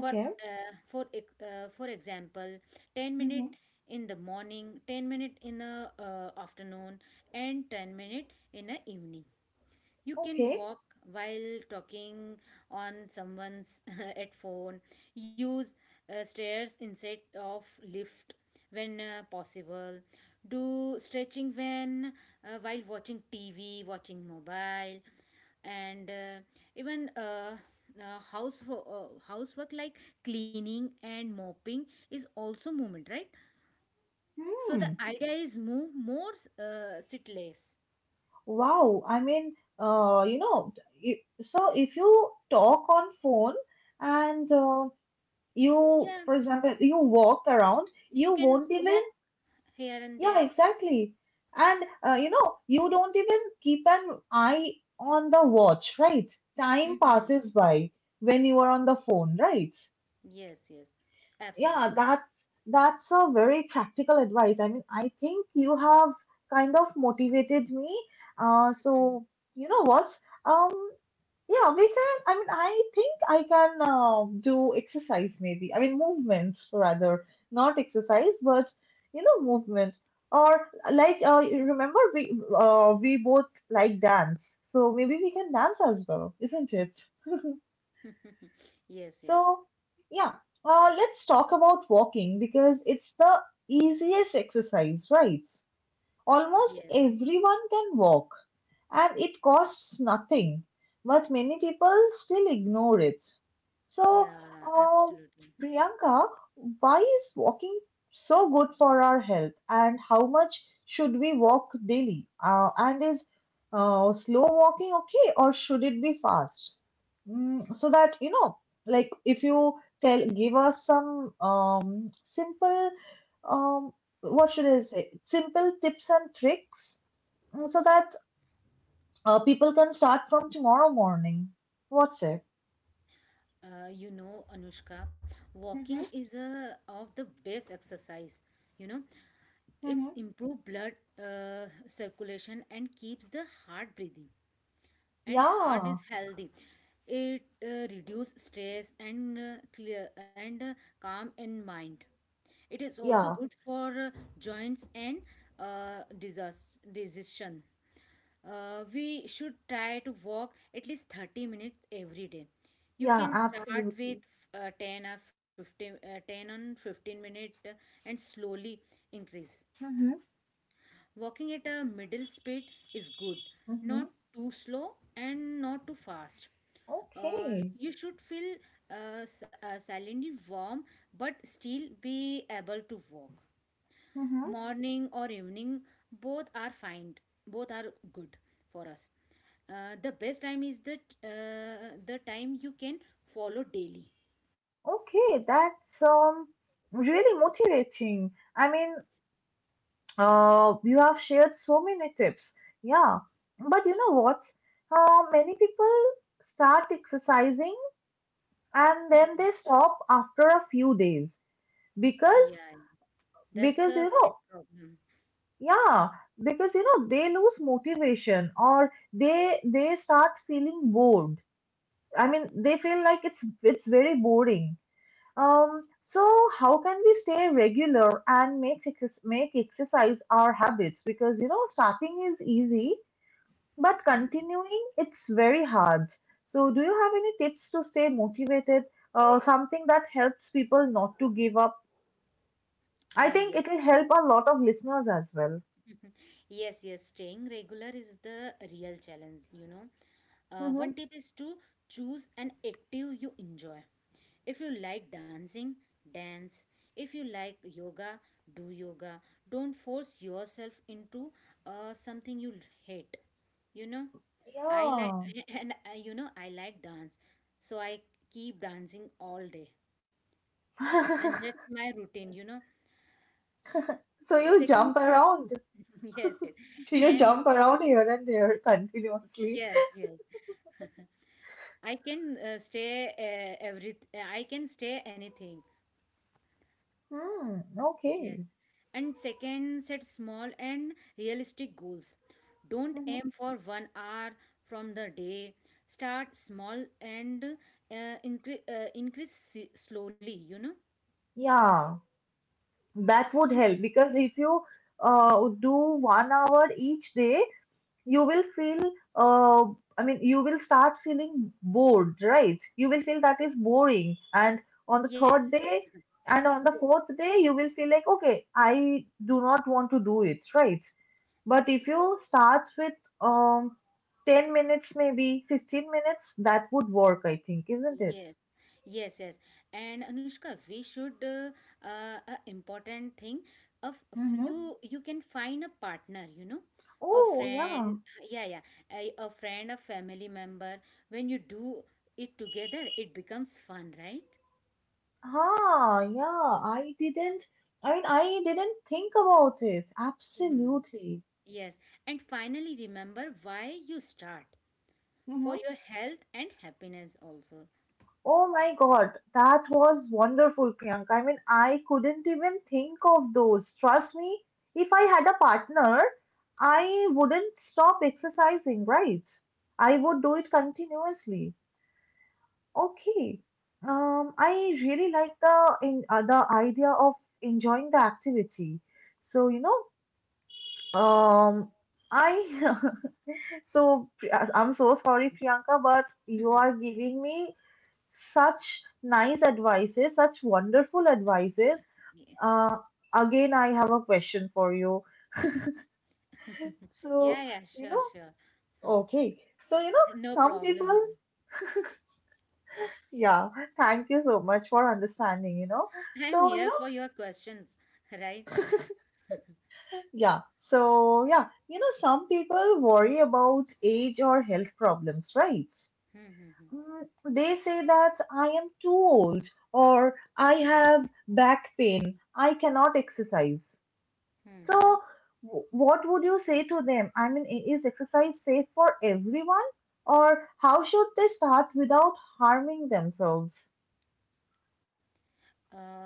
[SPEAKER 2] for uh, for ex- uh, for example ten minute
[SPEAKER 1] Hmm.
[SPEAKER 2] in the morning, ten minute in the uh, afternoon, and ten minute in the evening. You can
[SPEAKER 1] Okay.
[SPEAKER 2] walk while talking on someone's at phone. Use uh, stairs instead of lift when uh, possible. Do stretching when uh, while watching tv, watching mobile. And uh, even uh, uh, house uh, housework like cleaning and mopping is also movement, right? So the
[SPEAKER 1] Hmm.
[SPEAKER 2] idea is move more, uh, sit less.
[SPEAKER 1] Wow. I mean, uh, you know, i- so if you talk on phone and uh, you,
[SPEAKER 2] Yeah.
[SPEAKER 1] for example, you walk around,
[SPEAKER 2] You
[SPEAKER 1] you
[SPEAKER 2] can
[SPEAKER 1] won't even
[SPEAKER 2] walk here and
[SPEAKER 1] yeah,
[SPEAKER 2] there.
[SPEAKER 1] exactly. And uh, you know, you don't even keep an eye on the watch, right? Time
[SPEAKER 2] Hmm.
[SPEAKER 1] passes by when you are on the phone, right?
[SPEAKER 2] Yes, yes,
[SPEAKER 1] Yeah,
[SPEAKER 2] absolutely.
[SPEAKER 1] that's that's a very practical advice. I mean, I think you have kind of motivated me. Uh,
[SPEAKER 2] Mhm.
[SPEAKER 1] so you know what? Um, yeah, we can. I mean, I think I can uh, do exercise maybe. I mean, movements rather, not exercise, but you know, movement. Or like, uh, you remember we uh, we both like dance, so maybe we can dance as well, isn't it?
[SPEAKER 2] Yes, yes,
[SPEAKER 1] So yeah, uh, let's talk about walking because it's the easiest exercise, right? Almost
[SPEAKER 2] yes.
[SPEAKER 1] everyone can walk and it costs nothing, but many people still ignore it. So,
[SPEAKER 2] Yeah,
[SPEAKER 1] uh,
[SPEAKER 2] absolutely.
[SPEAKER 1] Priyanka, why is walking so good for our health, and how much should we walk daily? Uh, and is uh, slow walking okay, or should it be fast? Mm, so that you know, like if you tell, give us some um, simple, um, what should I say, simple tips and tricks mm, so that uh, people can start from tomorrow morning. What's it?
[SPEAKER 2] Uh, you know, Anushka,
[SPEAKER 1] Mm-hmm.
[SPEAKER 2] walking is a of the best exercise. You know, it's
[SPEAKER 1] Mm-hmm.
[SPEAKER 2] improve blood uh, circulation and keeps the heart breathing. And heart
[SPEAKER 1] Yeah,
[SPEAKER 2] is healthy. It uh, reduce stress and uh, clear and uh, calm in mind. It is also
[SPEAKER 1] yeah,
[SPEAKER 2] good for uh, joints and uh, disease decision. Uh, we should try to walk at least thirty minutes every day. You
[SPEAKER 1] yeah,
[SPEAKER 2] can start with
[SPEAKER 1] absolutely.
[SPEAKER 2] uh, ten or fifteen, uh, ten on fifteen minute uh, and slowly increase.
[SPEAKER 1] Mm-hmm.
[SPEAKER 2] Walking at a middle speed is good,
[SPEAKER 1] Mm-hmm.
[SPEAKER 2] not too slow and not too fast. Uh,
[SPEAKER 1] Okay,
[SPEAKER 2] you should feel uh, s- uh, silently warm but still be able to walk.
[SPEAKER 1] mm-hmm.
[SPEAKER 2] Morning or evening, both are fine, both are good for us. Uh, the best time is the, uh, the time you can follow daily.
[SPEAKER 1] Okay, that's um really motivating. I mean, uh, you have shared so many tips. Yeah, but you know what? Uh, many people start exercising and then
[SPEAKER 2] Hmm.
[SPEAKER 1] they stop after a few days because
[SPEAKER 2] Yeah, that's
[SPEAKER 1] because
[SPEAKER 2] a
[SPEAKER 1] you
[SPEAKER 2] big
[SPEAKER 1] know
[SPEAKER 2] problem.
[SPEAKER 1] yeah, because you know they lose motivation or they they start feeling bored. I mean, they feel like it's it's very boring. Um, so how can we stay regular and make ex make exercise our habits? Because you know starting is easy, but continuing it's very hard. So do you have any tips to stay motivated? Uh, something that helps people not to give up. I
[SPEAKER 2] Uh,
[SPEAKER 1] think
[SPEAKER 2] yes.
[SPEAKER 1] it will help a lot of listeners as well.
[SPEAKER 2] Yes, yes, staying regular is the real challenge, you know. Uh,
[SPEAKER 1] Mm-hmm.
[SPEAKER 2] one tip is to choose an active you enjoy. If you like dancing, dance. If you like yoga, do yoga. Don't force yourself into uh, something you hate, you know. I like,
[SPEAKER 1] Yeah.
[SPEAKER 2] and uh, you know I like dance, so I keep dancing all day, and that's my routine, you know.
[SPEAKER 1] So you
[SPEAKER 2] Second,
[SPEAKER 1] jump around.
[SPEAKER 2] yes, yes,
[SPEAKER 1] So you
[SPEAKER 2] and
[SPEAKER 1] jump around here and there continuously.
[SPEAKER 2] yes, yes. I can uh, stay uh, every I can stay anything.
[SPEAKER 1] Hmm,
[SPEAKER 2] Yes.
[SPEAKER 1] okay.
[SPEAKER 2] And second, set small and realistic goals. Don't
[SPEAKER 1] Hmm.
[SPEAKER 2] aim for one hour from the day. Start small and uh, incre- uh, increase s- slowly, you know.
[SPEAKER 1] Yeah, that would
[SPEAKER 2] And
[SPEAKER 1] help because if you uh, do one hour each day, you will feel, uh, I mean, you will start feeling bored, right? You will feel that is boring. And on the
[SPEAKER 2] yes.
[SPEAKER 1] third day and on the
[SPEAKER 2] Yes.
[SPEAKER 1] fourth day, you will feel like, okay, I do not want to do it, right? But if you start with um, ten minutes, maybe fifteen minutes, that would work, I think, isn't it?
[SPEAKER 2] Yes, yes, yes. And Anushka, we should, uh, uh, a important thing of, of,
[SPEAKER 1] Mm-hmm.
[SPEAKER 2] you you can find a partner, you know, a
[SPEAKER 1] Oh, yeah.
[SPEAKER 2] friend. Yeah, yeah, a, a friend, a family member. When you do it together, it becomes fun, right?
[SPEAKER 1] Ah, yeah. I didn't, I mean, I didn't think about it.
[SPEAKER 2] Mhm.
[SPEAKER 1] Absolutely.
[SPEAKER 2] Yes. And finally, remember why you start for
[SPEAKER 1] Mm-hmm.
[SPEAKER 2] your health and happiness also.
[SPEAKER 1] Oh my God, that was wonderful, Priyanka. I mean, I couldn't even think of those. Trust me, if I had a partner, I wouldn't stop exercising, right? I would do it continuously. Okay. Um, I really like the in uh, the idea of enjoying the activity. So, you know, um, I so Pri- uh, I'm so sorry, Priyanka, but you are giving me such nice advices, such wonderful advices.
[SPEAKER 2] Yeah,
[SPEAKER 1] Uh, Again, I have a question for you.
[SPEAKER 2] yeah,
[SPEAKER 1] So,
[SPEAKER 2] yeah,
[SPEAKER 1] you
[SPEAKER 2] sure,
[SPEAKER 1] know,
[SPEAKER 2] sure.
[SPEAKER 1] okay. So, you know,
[SPEAKER 2] No
[SPEAKER 1] some
[SPEAKER 2] problem.
[SPEAKER 1] people yeah, thank you so much for understanding, you know.
[SPEAKER 2] I'm
[SPEAKER 1] So,
[SPEAKER 2] here
[SPEAKER 1] you know,
[SPEAKER 2] for your questions, right?
[SPEAKER 1] yeah. So, yeah, you know, some people worry about age or health problems, right?
[SPEAKER 2] Hmm.
[SPEAKER 1] Mm, they say that I am too old or I have back pain, I cannot exercise. So,
[SPEAKER 2] Mm-hmm.
[SPEAKER 1] w- what would you say to them? I mean, i- is exercise safe for everyone or how should they start without harming themselves?
[SPEAKER 2] Uh,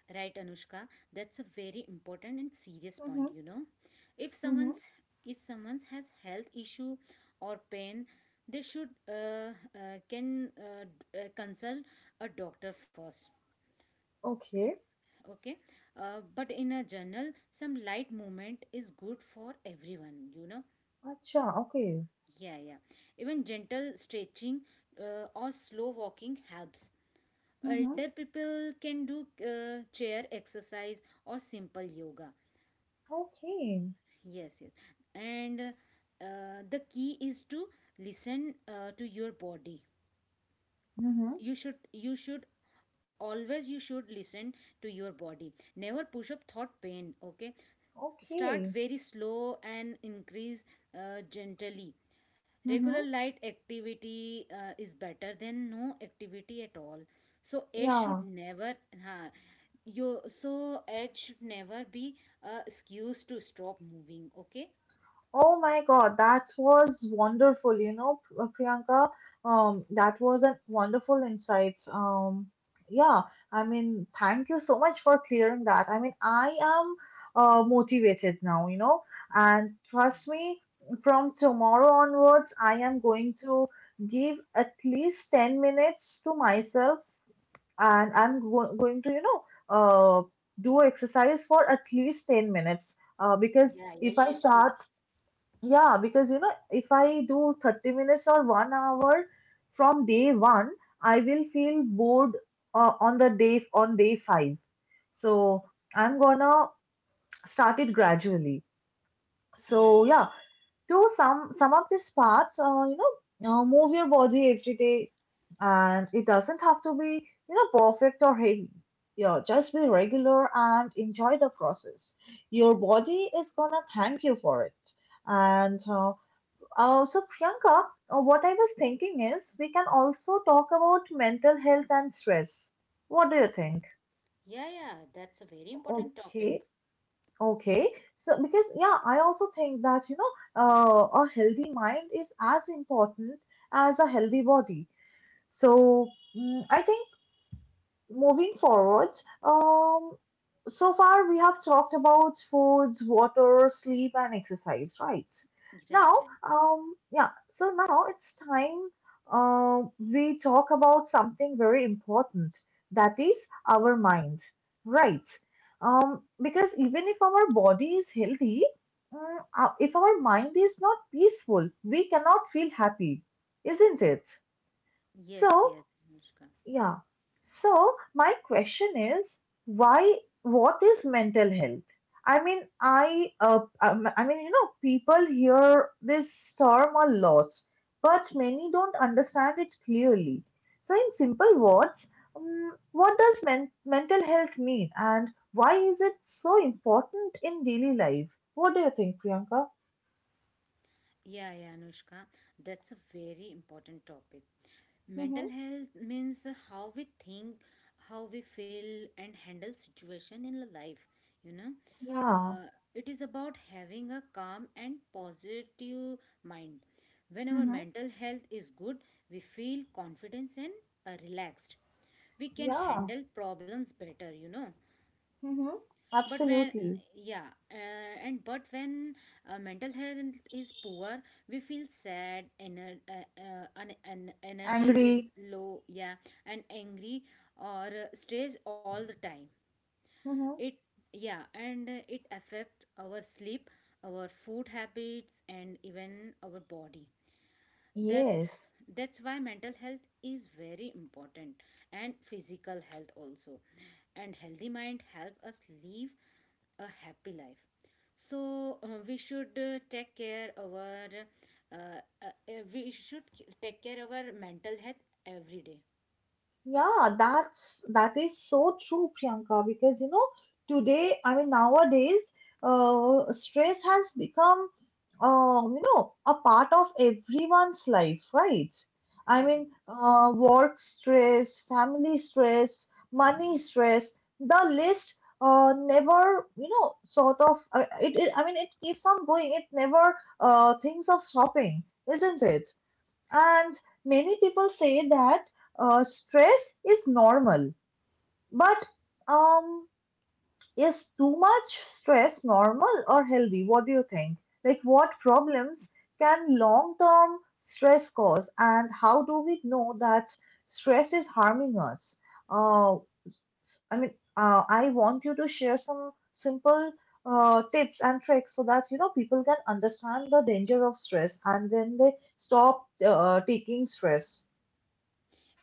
[SPEAKER 2] right, Anushka. That's a very important and serious
[SPEAKER 1] Mm-hmm.
[SPEAKER 2] point. You know, if
[SPEAKER 1] Mm-hmm.
[SPEAKER 2] someone's if someone has health issue or pain, they should uh, uh, can uh, d- uh, consult a doctor first.
[SPEAKER 1] Okay.
[SPEAKER 2] Okay, uh, but in a journal, some light movement is good for everyone. You know,
[SPEAKER 1] Acha, okay.
[SPEAKER 2] yeah, yeah. Even gentle stretching uh, or slow walking helps.
[SPEAKER 1] Mm-hmm.
[SPEAKER 2] Elder people can do uh, chair exercise or simple yoga.
[SPEAKER 1] Okay.
[SPEAKER 2] Yes, yes. And uh, uh, the key is to listen uh, to your body.
[SPEAKER 1] Mm-hmm.
[SPEAKER 2] You should you should always you should listen to your body. Never push up thought pain, okay? Start
[SPEAKER 1] Okay.
[SPEAKER 2] very slow and increase uh, gently. Regular
[SPEAKER 1] Mm-hmm.
[SPEAKER 2] light activity uh, is better than no activity at all. So age should
[SPEAKER 1] Yeah.
[SPEAKER 2] never ha. you so age should never be a excuse to stop moving. Okay?
[SPEAKER 1] Oh my God, that was wonderful. You know, P- uh, Priyanka, um, that was a wonderful insight. Um, yeah, I mean, thank you so much for clearing that. I mean, I am uh, motivated now, you know, and trust me, from tomorrow onwards, I am going to give at least ten minutes to myself, and I'm go going to, you know, uh, do exercise for at least ten minutes uh, because
[SPEAKER 2] Yeah, yeah,
[SPEAKER 1] if I
[SPEAKER 2] you should.
[SPEAKER 1] start. Yeah, because you know, if I do thirty minutes or one hour from day one, I will feel bored uh, on the day on day five. So I'm gonna start it gradually.
[SPEAKER 2] Yeah,
[SPEAKER 1] So
[SPEAKER 2] yeah.
[SPEAKER 1] yeah, to sum sum up this part, uh, you know, uh, move your body every day, and it doesn't have to be, you know, perfect or heavy. Yeah, just be regular and enjoy the process. Your body is gonna thank you for it, and. Uh, uh, so, Priyanka, uh, what I was thinking is we can also talk about mental health and stress. What do you think?
[SPEAKER 2] Yeah, yeah, that's a very important topic.
[SPEAKER 1] Okay, okay. So, because yeah, I also think that, you know, uh, a healthy mind is as important as a healthy body. So, mm, I think moving forward, um, so far we have talked about food, water, sleep, and exercise, right? Now,
[SPEAKER 2] Right, right.
[SPEAKER 1] um, yeah, so now it's time, um, we talk about something very important that is our mind, right? Um, because even if our body is healthy, mm, uh, if our mind is not peaceful, we cannot feel happy, isn't it?
[SPEAKER 2] Yes,
[SPEAKER 1] So,
[SPEAKER 2] yes, Anushka.
[SPEAKER 1] yeah. So my question is, why? What is mental health? I mean, I, uh, um, I mean, you know, people hear this term a lot, but many don't understand it clearly. So, in simple words, um, what does men- mental health mean, and why is it so important in daily life? What do you think, Priyanka?
[SPEAKER 2] Yeah, yeah, Anushka, that's a very important topic.
[SPEAKER 1] Mm-hmm.
[SPEAKER 2] Mental health means how we think, how we feel, and handle situation in life. You know,
[SPEAKER 1] Yeah.
[SPEAKER 2] uh, it is about having a calm and positive mind. When our
[SPEAKER 1] Mm-hmm.
[SPEAKER 2] mental health is good, we feel confidence and uh, relaxed. We can
[SPEAKER 1] Yeah.
[SPEAKER 2] handle problems better. You know,
[SPEAKER 1] Mm-hmm.
[SPEAKER 2] but when
[SPEAKER 1] Absolutely.
[SPEAKER 2] yeah uh, and but when uh, mental health is poor, we feel sad, ener- uh, uh, and, and energy is
[SPEAKER 1] Angry.
[SPEAKER 2] low. Yeah, and angry or uh, stressed all the time.
[SPEAKER 1] Mm-hmm.
[SPEAKER 2] It yeah and uh, it affects our sleep, our food habits, and even our body. that's
[SPEAKER 1] Yes.
[SPEAKER 2] that's why mental health is very important, and physical health also, and healthy mind help us live a happy life. So uh, we should uh, take care our uh, uh, uh, we should take care our mental health every day.
[SPEAKER 1] Yeah, that's that is so true, Priyanka, because you know, today, I mean nowadays, uh, stress has become, um, you know, a part of everyone's life, right?
[SPEAKER 2] Hmm.
[SPEAKER 1] I mean,
[SPEAKER 2] Hmm.
[SPEAKER 1] uh, work stress, family stress, money stress, the list uh, never, you know, sort of uh, it, it I mean it keeps on going. It never uh, thinks of stopping, isn't it? And many people say that uh, stress is normal, but um, is too much stress normal or healthy? What do you think? Like, what problems can long term stress cause, and how do we know that stress is harming us? Uh, I mean, uh, I want you to share some simple uh, tips and tricks so that, you know, people can understand the danger of stress and then they stop uh, taking stress.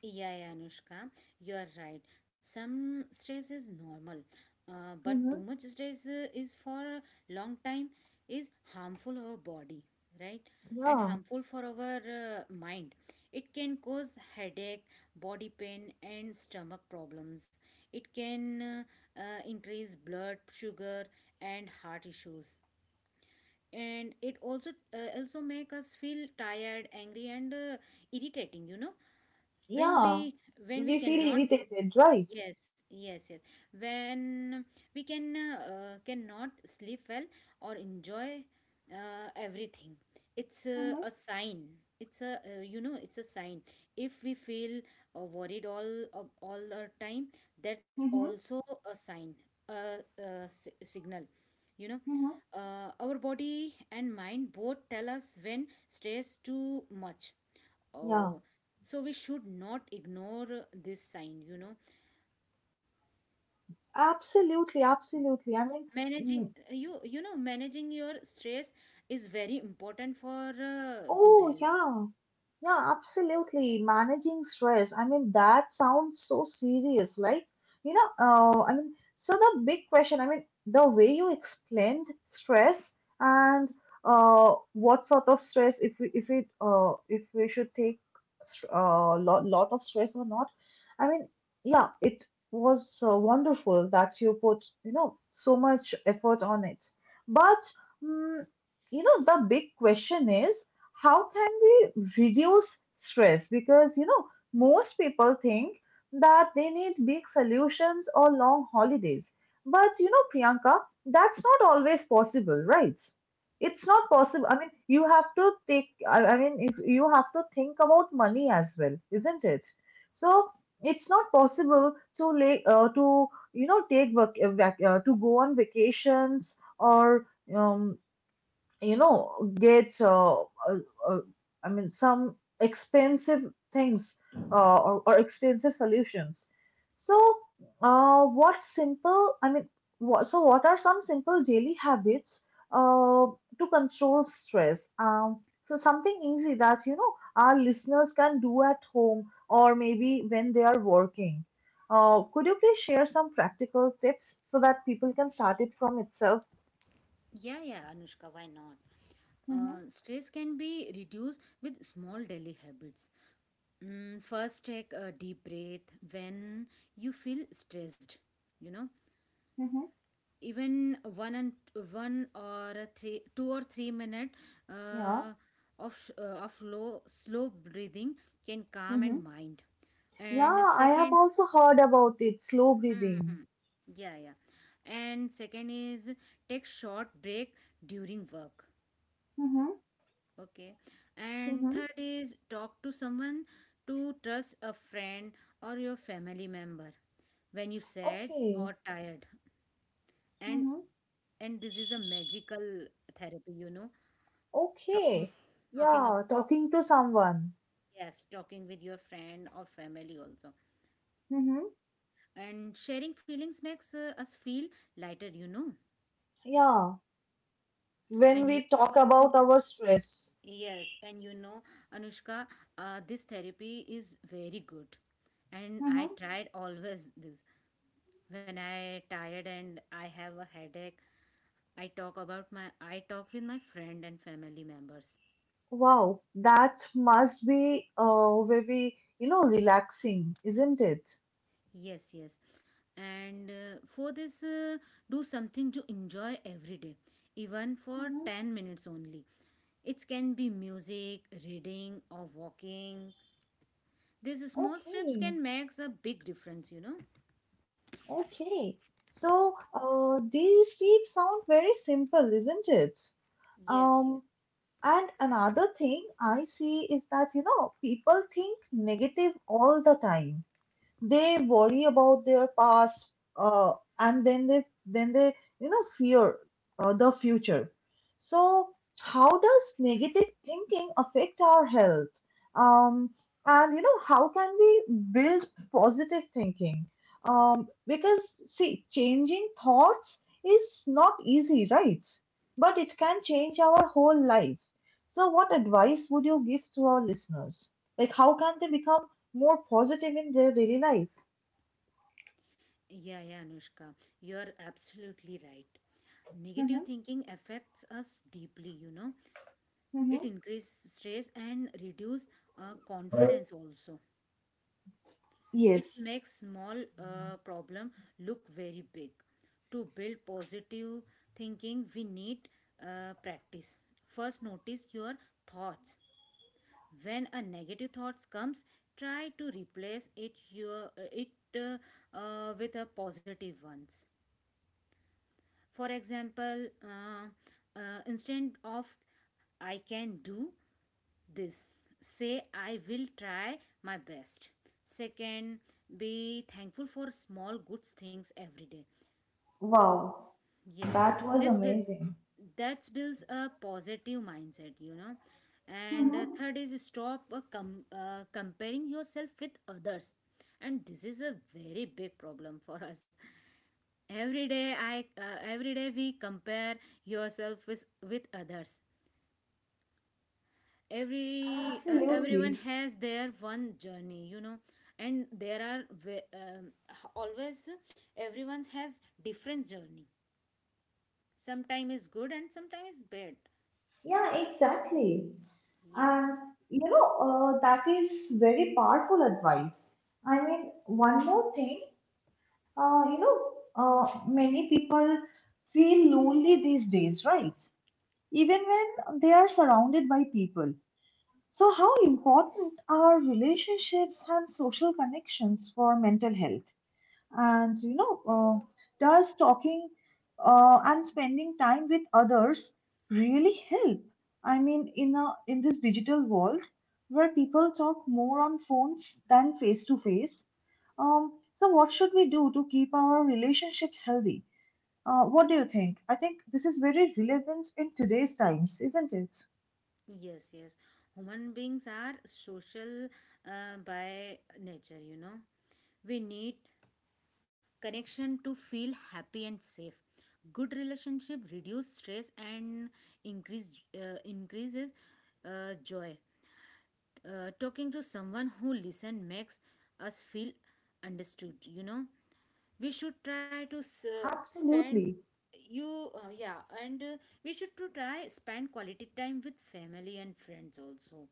[SPEAKER 2] Yeah, yeah, Anushka, you are right. Some stress is normal, uh, but
[SPEAKER 1] Mm-hmm.
[SPEAKER 2] too much stress uh, is for a long time is harmful our body, right? And
[SPEAKER 1] Yeah,
[SPEAKER 2] harmful for our uh, mind. It can cause headache, body pain, and stomach problems. It can uh, uh, increase blood sugar and heart issues. And it also uh, also make us feel tired, angry, and uh, irritating. You know when
[SPEAKER 1] yeah.
[SPEAKER 2] we when we
[SPEAKER 1] We feel
[SPEAKER 2] cannot,
[SPEAKER 1] irritated, right?
[SPEAKER 2] yes, yes, yes, when we can uh, cannot sleep well or enjoy uh, everything. It's a,
[SPEAKER 1] Mm-hmm.
[SPEAKER 2] a sign. It's a uh, you know it's a sign if we feel uh, worried all of all the time. That's
[SPEAKER 1] Mm-hmm.
[SPEAKER 2] also a sign, a, a si- signal, you know.
[SPEAKER 1] Mm-hmm.
[SPEAKER 2] Uh, our body and mind both tell us when stress too much.
[SPEAKER 1] Yeah,
[SPEAKER 2] Oh, so we should not ignore uh, this sign, you know.
[SPEAKER 1] absolutely, absolutely. I mean,
[SPEAKER 2] Managing
[SPEAKER 1] mm,
[SPEAKER 2] you you know managing your stress is very important for uh, good
[SPEAKER 1] oh,
[SPEAKER 2] health.
[SPEAKER 1] yeah. Yeah, absolutely. Managing stress. I mean, that sounds so serious. Like, you know, uh, I mean, so the big question, I mean, the way you explained stress and uh, what sort of stress, if we, if it, uh, if we should take a uh, lot, lot of stress or not. I mean, yeah, it was uh, wonderful that you put, you know, so much effort on it. But, mm, you know, the big question is, how can we reduce stress? Because, you know, most people think that they need big solutions or long holidays. But, you know, Priyanka, that's not always possible, right? It's not possible. I mean, you have to take, I, I mean, if you have to think about money as well, isn't it? So, it's not possible to lay, uh, to you know take vac- uh, vac- uh, to go on vacations or um, you know get uh, uh, uh, I mean some expensive things uh, or, or expensive solutions. So uh, what simple i mean what, so what are some simple daily habits uh, to control stress, um, so something easy that, you know, our listeners can do at home or maybe when they are working, uh, could you please share some practical tips so that people can start it from itself?
[SPEAKER 2] Yeah, yeah, Anushka, why not?
[SPEAKER 1] Mm-hmm.
[SPEAKER 2] Uh, stress can be reduced with small daily habits. Mm, first, take a deep breath when you feel stressed, you know.
[SPEAKER 1] Mm-hmm.
[SPEAKER 2] Even one and one or a three two or three minute
[SPEAKER 1] Yeah.
[SPEAKER 2] uh, of uh, of low slow breathing can calm and mind. And
[SPEAKER 1] Yeah, I have
[SPEAKER 2] second.
[SPEAKER 1] also heard about it, slow
[SPEAKER 2] Hmm, hmm.
[SPEAKER 1] breathing.
[SPEAKER 2] Yeah, yeah, and second is take short break during work.
[SPEAKER 1] Mm-hmm,
[SPEAKER 2] Okay. And
[SPEAKER 1] mm-hmm.
[SPEAKER 2] third is talk to someone, to trust a friend or your family member when you sad
[SPEAKER 1] Okay.
[SPEAKER 2] or tired. and
[SPEAKER 1] Mm-hmm.
[SPEAKER 2] and this is a magical therapy, you know. Talking,
[SPEAKER 1] Okay.
[SPEAKER 2] talking about,
[SPEAKER 1] Yeah, talking to someone.
[SPEAKER 2] yes, talking with your friend or family also,
[SPEAKER 1] Mm-hmm.
[SPEAKER 2] and sharing feelings makes uh, us feel lighter, you know.
[SPEAKER 1] Yeah,
[SPEAKER 2] And
[SPEAKER 1] when
[SPEAKER 2] you,
[SPEAKER 1] we talk about our stress.
[SPEAKER 2] yes, and you know, Anushka, uh, this therapy is very good, and I
[SPEAKER 1] Mm-hmm.
[SPEAKER 2] tried always this when I tired and I have a headache. i talk about my I talk with my friend and family members.
[SPEAKER 1] Wow, that must be uh, very, you know, relaxing, isn't it?
[SPEAKER 2] Yes, yes. And uh, for this, uh, do something to enjoy every day, even for
[SPEAKER 1] Mm-hmm.
[SPEAKER 2] ten minutes only. It can be music, reading, or walking. These small steps
[SPEAKER 1] Okay.
[SPEAKER 2] can make a big difference, you know?
[SPEAKER 1] Okay. So, uh, these tips sound very simple, isn't it?
[SPEAKER 2] Yes,
[SPEAKER 1] Um,
[SPEAKER 2] yes.
[SPEAKER 1] And another thing I see is that, you know, people think negative all the time. They worry about their past, uh, and then they then they, you know, fear uh, the future. So how does negative thinking affect our health? Um, and you know, how can we build positive thinking? Um, because see, changing thoughts is not easy, right? But it can change our whole life. So, what advice would you give to our listeners? Like, how can they become more positive in their daily life.
[SPEAKER 2] Yeah, yeah, Anushka. You're absolutely right.
[SPEAKER 1] Mm-hmm.
[SPEAKER 2] Negative thinking affects us deeply, you know.
[SPEAKER 1] Mm-hmm.
[SPEAKER 2] It increases stress and reduce uh, confidence also. It
[SPEAKER 1] Yes.
[SPEAKER 2] makes small uh, problem look very big. To build positive thinking, we need uh, practice. First, notice your thoughts. When a negative thoughts comes, try to replace it your uh, it uh, uh, with a positive ones. For example, uh, uh, instead of I can do this, say I will try my best. Second, be thankful for small good things every day.
[SPEAKER 1] Wow,
[SPEAKER 2] Yes,
[SPEAKER 1] that was
[SPEAKER 2] this will,
[SPEAKER 1] amazing.
[SPEAKER 2] that builds a positive mindset, you know. And uh,
[SPEAKER 1] Mm-hmm.
[SPEAKER 2] third is stop uh, com- uh, comparing yourself with others, and this is a very big problem for us. Every day, i uh, every day we compare yourself with with others. Every uh, everyone
[SPEAKER 1] Absolutely.
[SPEAKER 2] has their one journey, you know, and there are ve- um, always everyone has different journey. Sometime is good and sometime is bad.
[SPEAKER 1] Yeah, exactly.
[SPEAKER 2] Yeah,
[SPEAKER 1] And you know, uh, that is very powerful advice. I mean, one more thing, uh, you know, uh, many people feel lonely these days, right? Even when they are surrounded by people. So, how important are relationships and social connections for mental health? And you know, uh, does talking uh, and spending time with others really help? I mean, in a in this digital world where people talk more on phones than face to face, um, so what should we do to keep our relationships healthy? Uh, what do you think? I think this is very relevant in today's times, isn't it?
[SPEAKER 2] yes, yes. Human beings are social uh, by nature, you know. We need connection to feel happy and safe. Good relationship reduce stress and increase uh, increases uh, joy. Uh, talking to someone who listens makes us feel understood, you know. We should try to s- uh, spend
[SPEAKER 1] Absolutely.
[SPEAKER 2] you uh, yeah and uh, we should to try spend quality time with family and friends also,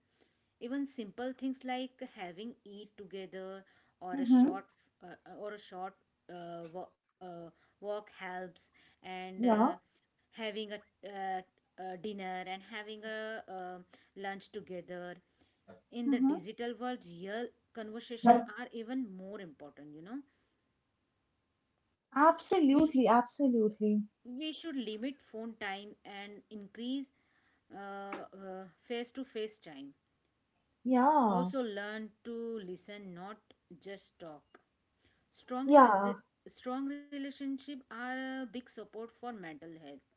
[SPEAKER 2] even simple things like having eat together, or a
[SPEAKER 1] Mm-hmm.
[SPEAKER 2] short uh, or a short uh, wa- uh, walk helps. And uh,
[SPEAKER 1] Yeah.
[SPEAKER 2] having a, uh, uh, dinner and having a uh, lunch together in the
[SPEAKER 1] Mm-hmm.
[SPEAKER 2] digital world, real conversation are even more important, you know. we
[SPEAKER 1] Absolutely, absolutely.
[SPEAKER 2] we should limit phone time and increase uh, face to face time,
[SPEAKER 1] Yeah,
[SPEAKER 2] also learn to listen, not just talk. strong li-
[SPEAKER 1] yeah,
[SPEAKER 2] uh, Strong relationship are a big support for mental health.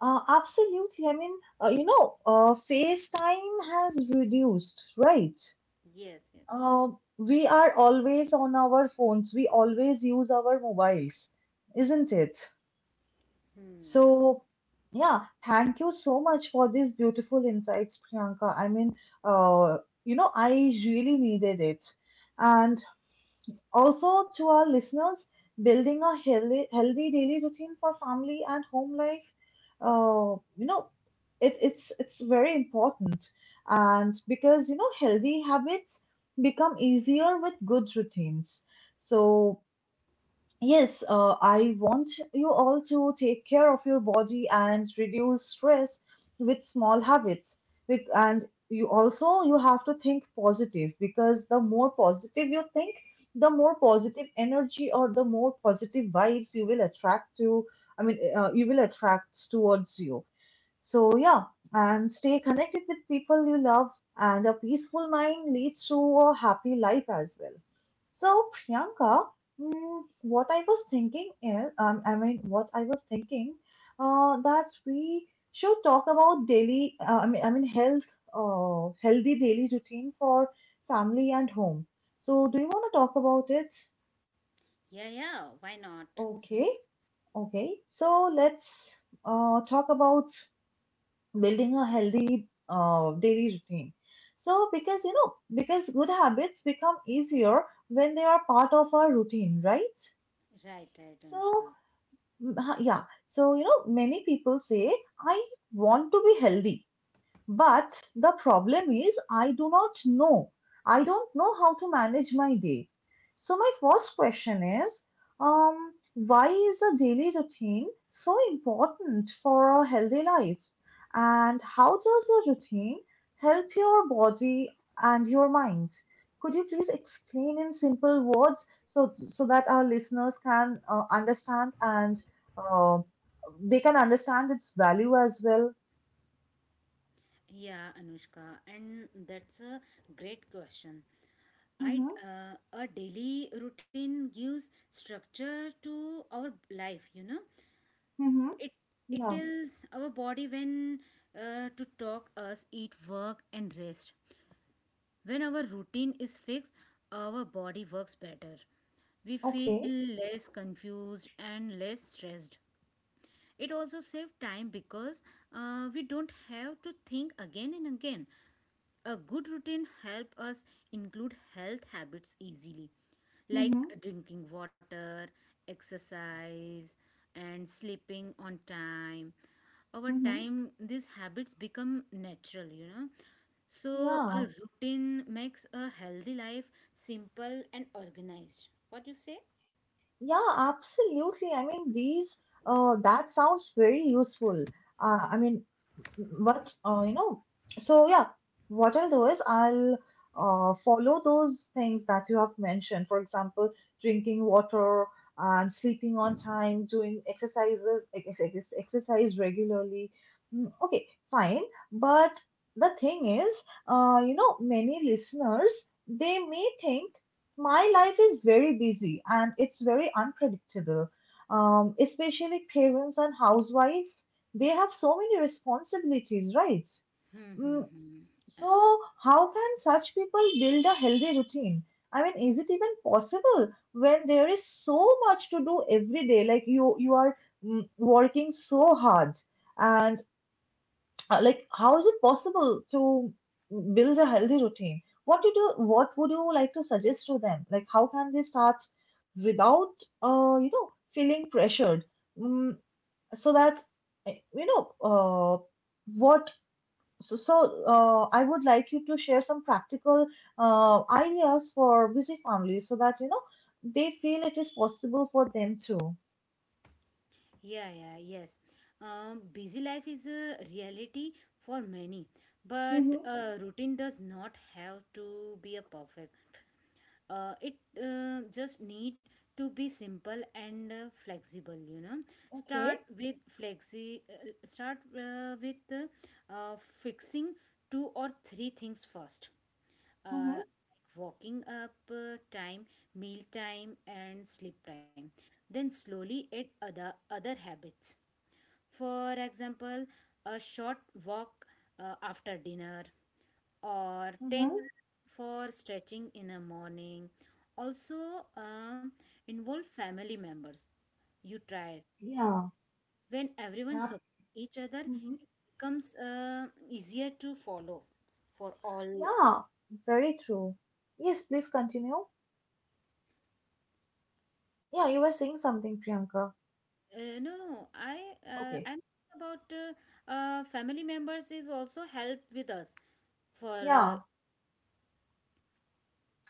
[SPEAKER 1] uh, absolutely. I mean, uh, you know, uh, FaceTime has reduced, right?
[SPEAKER 2] Yes, yes.
[SPEAKER 1] Uh, we are always on our phones, we always use our mobiles, isn't it?
[SPEAKER 2] Hmm. Yeah,
[SPEAKER 1] So, yeah, thank you so much for these beautiful insights, Priyanka. I mean, uh, you know, I really needed it. And also, to our listeners, building a healthy, healthy daily routine for family and home life, uh, you know, it, it's it's very important, and because, you know, healthy habits become easier with good routines. So yes, uh, I want you all to take care of your body and reduce stress with small habits. With- And you also you have to think positive because the more positive you think, the more positive energy or the more positive vibes you will attract to. I mean, uh, you will attract towards you. So yeah, and stay connected with people you love, and a peaceful mind leads to a happy life as well. So Priyanka, mm, what I was thinking is, um, I mean, what I was thinking, uh, that we should talk about daily, uh, I mean, I mean, health, uh, healthy daily routine for family and home. So do you want to talk about it?
[SPEAKER 2] yeah, yeah, why not.
[SPEAKER 1] Okay, okay. So let's uh, talk about building a healthy uh, daily routine. So, because you know, because good habits become easier when they are part of our routine, right?
[SPEAKER 2] Right, right, Anushka.
[SPEAKER 1] So, mm, ha- yeah, so you know, many people say, I want to be healthy, but the problem is, I do not know. I don't know how to manage my day. So, my first question is um, why is the daily routine so important for a healthy life? And how does the routine help your body and your mind? Could you please explain in simple words so, so that our listeners can uh, understand and uh, they can understand its value as well?
[SPEAKER 2] Yeah, Anushka, and that's a great question. I
[SPEAKER 1] Mm-hmm.
[SPEAKER 2] uh, a daily routine gives structure to our life, you know.
[SPEAKER 1] Hmm.
[SPEAKER 2] It it
[SPEAKER 1] Yeah.
[SPEAKER 2] tells our body when uh, to talk, us eat, work, and rest. When our routine is fixed, our body works better. We
[SPEAKER 1] Okay.
[SPEAKER 2] feel less confused and less stressed. It also saves time because uh, we don't have to think again and again. A good routine helps us include health habits easily, like
[SPEAKER 1] Mhm,
[SPEAKER 2] drinking water, exercise, and sleeping on time. Over
[SPEAKER 1] mhm.
[SPEAKER 2] time, these habits become natural, you know. So, a
[SPEAKER 1] Yeah.
[SPEAKER 2] routine makes a healthy life simple and organized. What you say?
[SPEAKER 1] Yeah, absolutely. I mean, these uh, that sounds very useful. Uh, I mean, what uh, you know. So yeah, what I'll do is I'll uh, follow those things that you have mentioned. For example, drinking water and sleeping on time, doing exercises, ex ex- exercise regularly. Mm, Okay, fine. But the thing is, uh, you know, many listeners they may think my life is very busy and it's very unpredictable. Um, especially parents and housewives, they have so many responsibilities, right?
[SPEAKER 2] Hmm, hmm,
[SPEAKER 1] Mm,
[SPEAKER 2] hmm.
[SPEAKER 1] so, how can such people build a healthy routine? I mean, is it even possible when there is so much to do every day? Like you, you are mm, working so hard, and uh, like how is it possible to build a healthy routine? What did you what would you like to suggest to them? Like how can they start without uh you know feeling pressured, mm, so that uh, you know uh what so, so uh, I would like you to share some practical uh, ideas for busy families, so that you know they feel it is possible for them too.
[SPEAKER 2] Yeah, yeah, yes. Um, busy life is a reality for many, but
[SPEAKER 1] Mm-hmm.
[SPEAKER 2] uh, routine does not have to be a perfect. Uh, it uh, just need to be simple and uh, flexible, you know. Start
[SPEAKER 1] Okay.
[SPEAKER 2] with flexi. Uh, start uh, with uh, uh, fixing two or three things first. Uh, like
[SPEAKER 1] Mm-hmm.
[SPEAKER 2] walking up uh, time, meal time, and sleep time, then slowly add other other habits. For example, a short walk uh, after dinner, or ten
[SPEAKER 1] Mm-hmm.
[SPEAKER 2] minutes for stretching in the morning. Also, um, involve family members. You try.
[SPEAKER 1] Yeah.
[SPEAKER 2] When everyone
[SPEAKER 1] Yeah.
[SPEAKER 2] supports each other, it becomes uh, easier to follow for all.
[SPEAKER 1] Yeah, very true. Yes, please continue. Yeah, you were saying something, Priyanka.
[SPEAKER 2] Uh, no, no, I, uh,
[SPEAKER 1] Okay.
[SPEAKER 2] I'm saying about uh, uh, family members is also help with us for uh,
[SPEAKER 1] Yeah,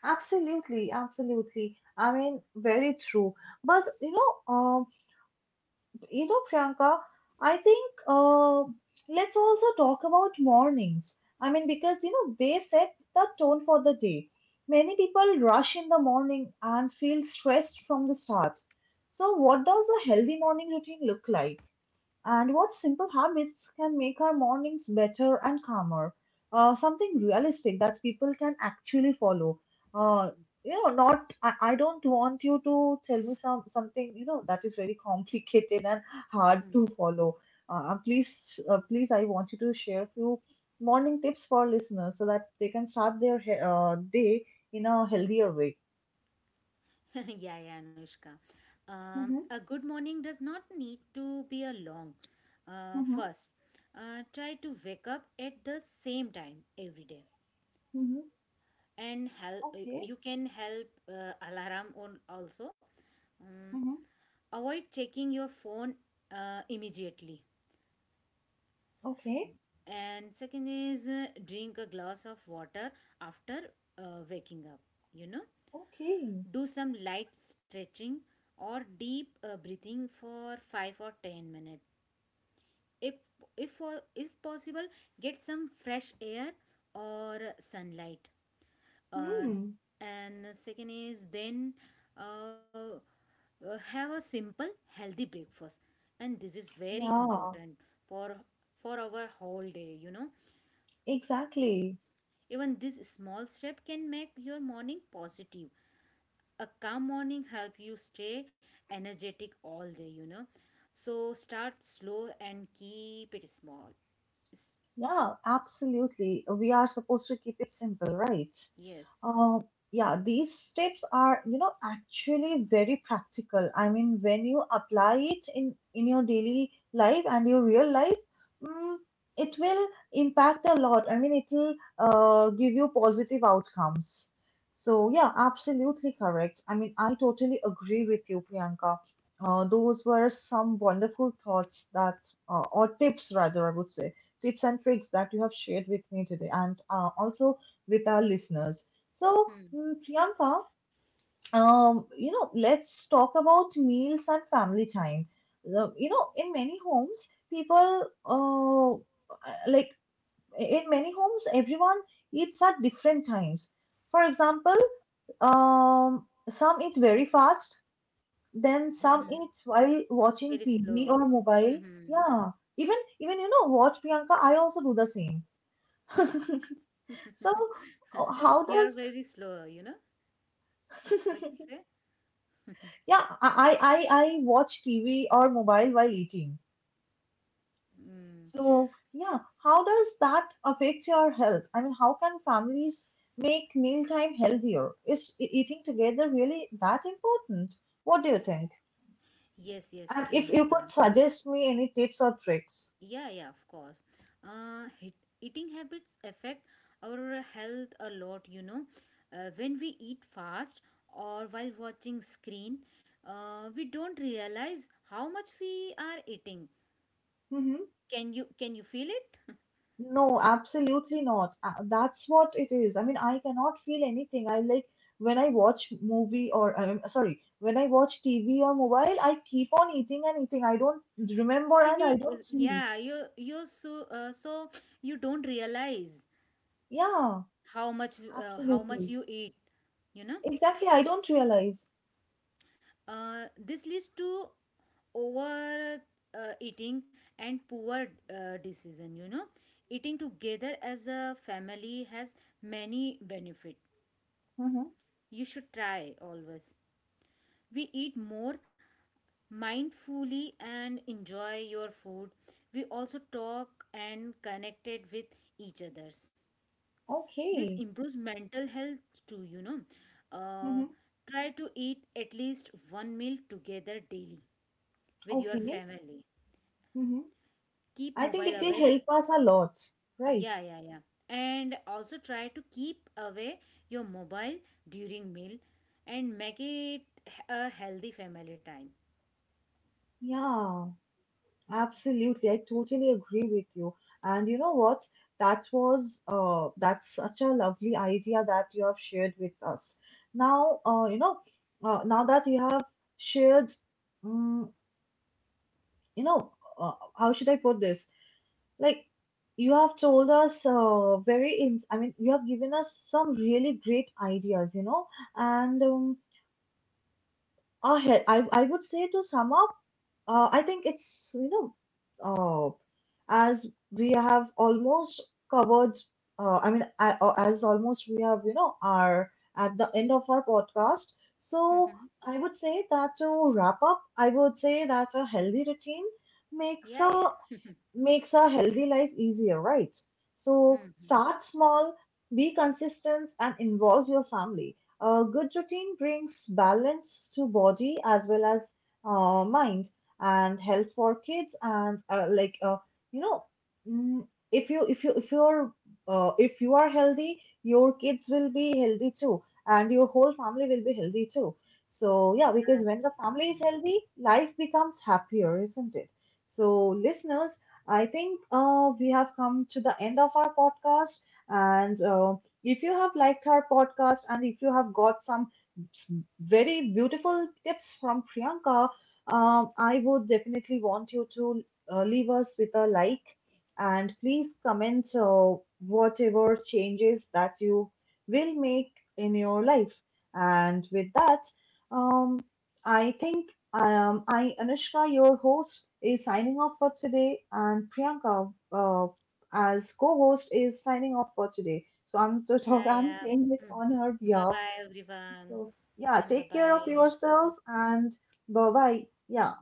[SPEAKER 1] absolutely, absolutely. I mean, very true. But you know, um, you know, Priyanka, I think uh, let's also talk about mornings. I mean, because you know, they set the tone for the day. Many people rush in the morning and feel stressed from the start. So, what does a healthy morning routine look like? And what simple habits can make our mornings better and calmer, uh, something realistic that people can actually follow, uh, you know not I, I don't want you to tell me some something, you know, that is very complicated and hard
[SPEAKER 2] hmm.
[SPEAKER 1] to follow. Uh, uh, please uh, please, I want you to share few morning tips for listeners so that they can start their he- uh, day in a healthier way.
[SPEAKER 2] Yeah, yeah, Anushka. Um,
[SPEAKER 1] Mm-hmm.
[SPEAKER 2] a good morning does not need to be a long. Uh,
[SPEAKER 1] Mm-hmm.
[SPEAKER 2] first, uh, try to wake up at the same time every day,
[SPEAKER 1] Mm-hmm.
[SPEAKER 2] and help.
[SPEAKER 1] Okay.
[SPEAKER 2] You can help uh, alarm on also. Um,
[SPEAKER 1] Mm-hmm.
[SPEAKER 2] avoid checking your phone uh, immediately.
[SPEAKER 1] Okay.
[SPEAKER 2] And second is uh, drink a glass of water after uh, waking up, you know.
[SPEAKER 1] Okay.
[SPEAKER 2] Do some light stretching or deep uh, breathing for five or ten minutes. if if uh, if possible, get some fresh air or sunlight. uh,
[SPEAKER 1] Hmm.
[SPEAKER 2] and second is then uh, uh, have a simple healthy breakfast, and this is very
[SPEAKER 1] Yeah.
[SPEAKER 2] important for for our whole day, you know.
[SPEAKER 1] Exactly.
[SPEAKER 2] Even this small step can make your morning positive. A calm morning help you stay energetic all day, you know. So start slow and keep it small. S-,
[SPEAKER 1] Yeah, absolutely. We are supposed to keep it simple, right?
[SPEAKER 2] yes.
[SPEAKER 1] Uh, yeah, these steps are, you know, actually very practical. I mean, when you apply it in in your daily life and your real life, mm, it will impact a lot. I mean, it will uh, give you positive outcomes. So yeah, absolutely correct. I mean, I totally agree with you, Priyanka. Uh, those were some wonderful thoughts that, uh, or tips rather, I would say tips and tricks that you have shared with me today and uh, also with our listeners. So,
[SPEAKER 2] Hmm.
[SPEAKER 1] mm, Priyanka, um, you know, let's talk about meals and family time. The- You know, in many homes, people uh, like in many homes, everyone eats at different times. For example, um, some eat very fast, then some
[SPEAKER 2] Hmm,
[SPEAKER 1] eat while watching
[SPEAKER 2] very
[SPEAKER 1] T V
[SPEAKER 2] slow.
[SPEAKER 1] or mobile.
[SPEAKER 2] Hmm.
[SPEAKER 1] Yeah, even even you know what, Priyanka, I also do the same. So uh, how
[SPEAKER 2] you
[SPEAKER 1] does
[SPEAKER 2] are very slow, you know. What you say?
[SPEAKER 1] yeah, I I I watch T V or mobile while eating.
[SPEAKER 2] Mm.
[SPEAKER 1] So yeah, how does that affect your health? I mean, how can families make mealtime healthier? Is e- eating together really that important? What do you think?
[SPEAKER 2] Yes, yes,
[SPEAKER 1] And if
[SPEAKER 2] Anushka.
[SPEAKER 1] you could suggest me any tips or tricks.
[SPEAKER 2] Yeah, yeah, of course. Uh, hit, eating habits affect our health a lot, you know. Uh, when we eat fast or while watching screen, uh, we don't realize how much we are eating.
[SPEAKER 1] Mm-hmm.
[SPEAKER 2] Can you can you feel it?
[SPEAKER 1] No, absolutely not. Uh, That's what it is. I mean, I cannot feel anything. I like when I watch movie or um, sorry, when I watch T V or mobile, I keep on eating and eating. I don't remember
[SPEAKER 2] so
[SPEAKER 1] and
[SPEAKER 2] you
[SPEAKER 1] I don't sleep.
[SPEAKER 2] yeah, you you so uh, so you don't realize
[SPEAKER 1] Yeah,
[SPEAKER 2] how much uh, how much
[SPEAKER 1] absolutely.
[SPEAKER 2] you eat, you know.
[SPEAKER 1] Exactly. I don't realize.
[SPEAKER 2] Uh, this leads to over uh, eating and poor uh, decision, you know. Eating together as a family has many benefit,
[SPEAKER 1] Mm-hmm.
[SPEAKER 2] you should try always. We eat more mindfully and enjoy your food. We also talk and connected with each others. This
[SPEAKER 1] Okay.
[SPEAKER 2] improves mental health too, you know. uh,
[SPEAKER 1] Mm-hmm.
[SPEAKER 2] Try to eat at least one meal together daily with your
[SPEAKER 1] Okay.
[SPEAKER 2] family.
[SPEAKER 1] Mm-hmm.
[SPEAKER 2] Keep
[SPEAKER 1] I think
[SPEAKER 2] mobile
[SPEAKER 1] it will
[SPEAKER 2] away.
[SPEAKER 1] help us a lot, right?
[SPEAKER 2] Yeah, yeah, yeah. And also try to keep away your mobile during meal and make it a healthy family time.
[SPEAKER 1] Yeah. Absolutely, I totally agree with you. And you know what? That was uh, that's such a lovely idea that you have shared with us. Now, uh, you know, uh, now that you have shared, um, you know, uh, how should I put this? Like, you have told us uh, very ins. I mean, you have given us some really great ideas, you know, and um, our he- I I would say, to sum up, Uh, I think it's, you know, uh, as we have almost covered, uh, I mean, I, uh, as almost we have, you know, are at the end of our podcast. So
[SPEAKER 2] Mhm.
[SPEAKER 1] I would say that to wrap up, I would say that a healthy routine makes
[SPEAKER 2] Yeah,
[SPEAKER 1] a
[SPEAKER 2] yeah.
[SPEAKER 1] makes a healthy life easier, right? So
[SPEAKER 2] Mhm.
[SPEAKER 1] start small, be consistent, and involve your family. A good routine brings balance to body as well as uh, mind and health for kids and uh, like uh, you know mm, if you if you if you're uh, if you are healthy, your kids will be healthy too, and your whole family will be healthy too. So yeah, because when the family is
[SPEAKER 2] Absolutely.
[SPEAKER 1] healthy, life becomes happier, isn't it? So listeners, I think uh, we have come to the end of our podcast. And uh, if you have liked our podcast and if you have got some very beautiful tips from Priyanka, um, I would definitely want you to uh, leave us with a like, and please comment uh, whatever changes that you will make in your life. And with that, um, I think um, I, Anushka, your host, is signing off for today, and Priyanka, uh, as co-host, is signing off for today. So I'm so
[SPEAKER 2] Yeah,
[SPEAKER 1] I'm
[SPEAKER 2] yeah.
[SPEAKER 1] saying it
[SPEAKER 2] Mhm.
[SPEAKER 1] on her
[SPEAKER 2] Bye
[SPEAKER 1] behalf.
[SPEAKER 2] bye, everyone.
[SPEAKER 1] So yeah,
[SPEAKER 2] And bye
[SPEAKER 1] take care
[SPEAKER 2] bye,
[SPEAKER 1] of
[SPEAKER 2] Anushka.
[SPEAKER 1] yourselves and bye bye. Yeah.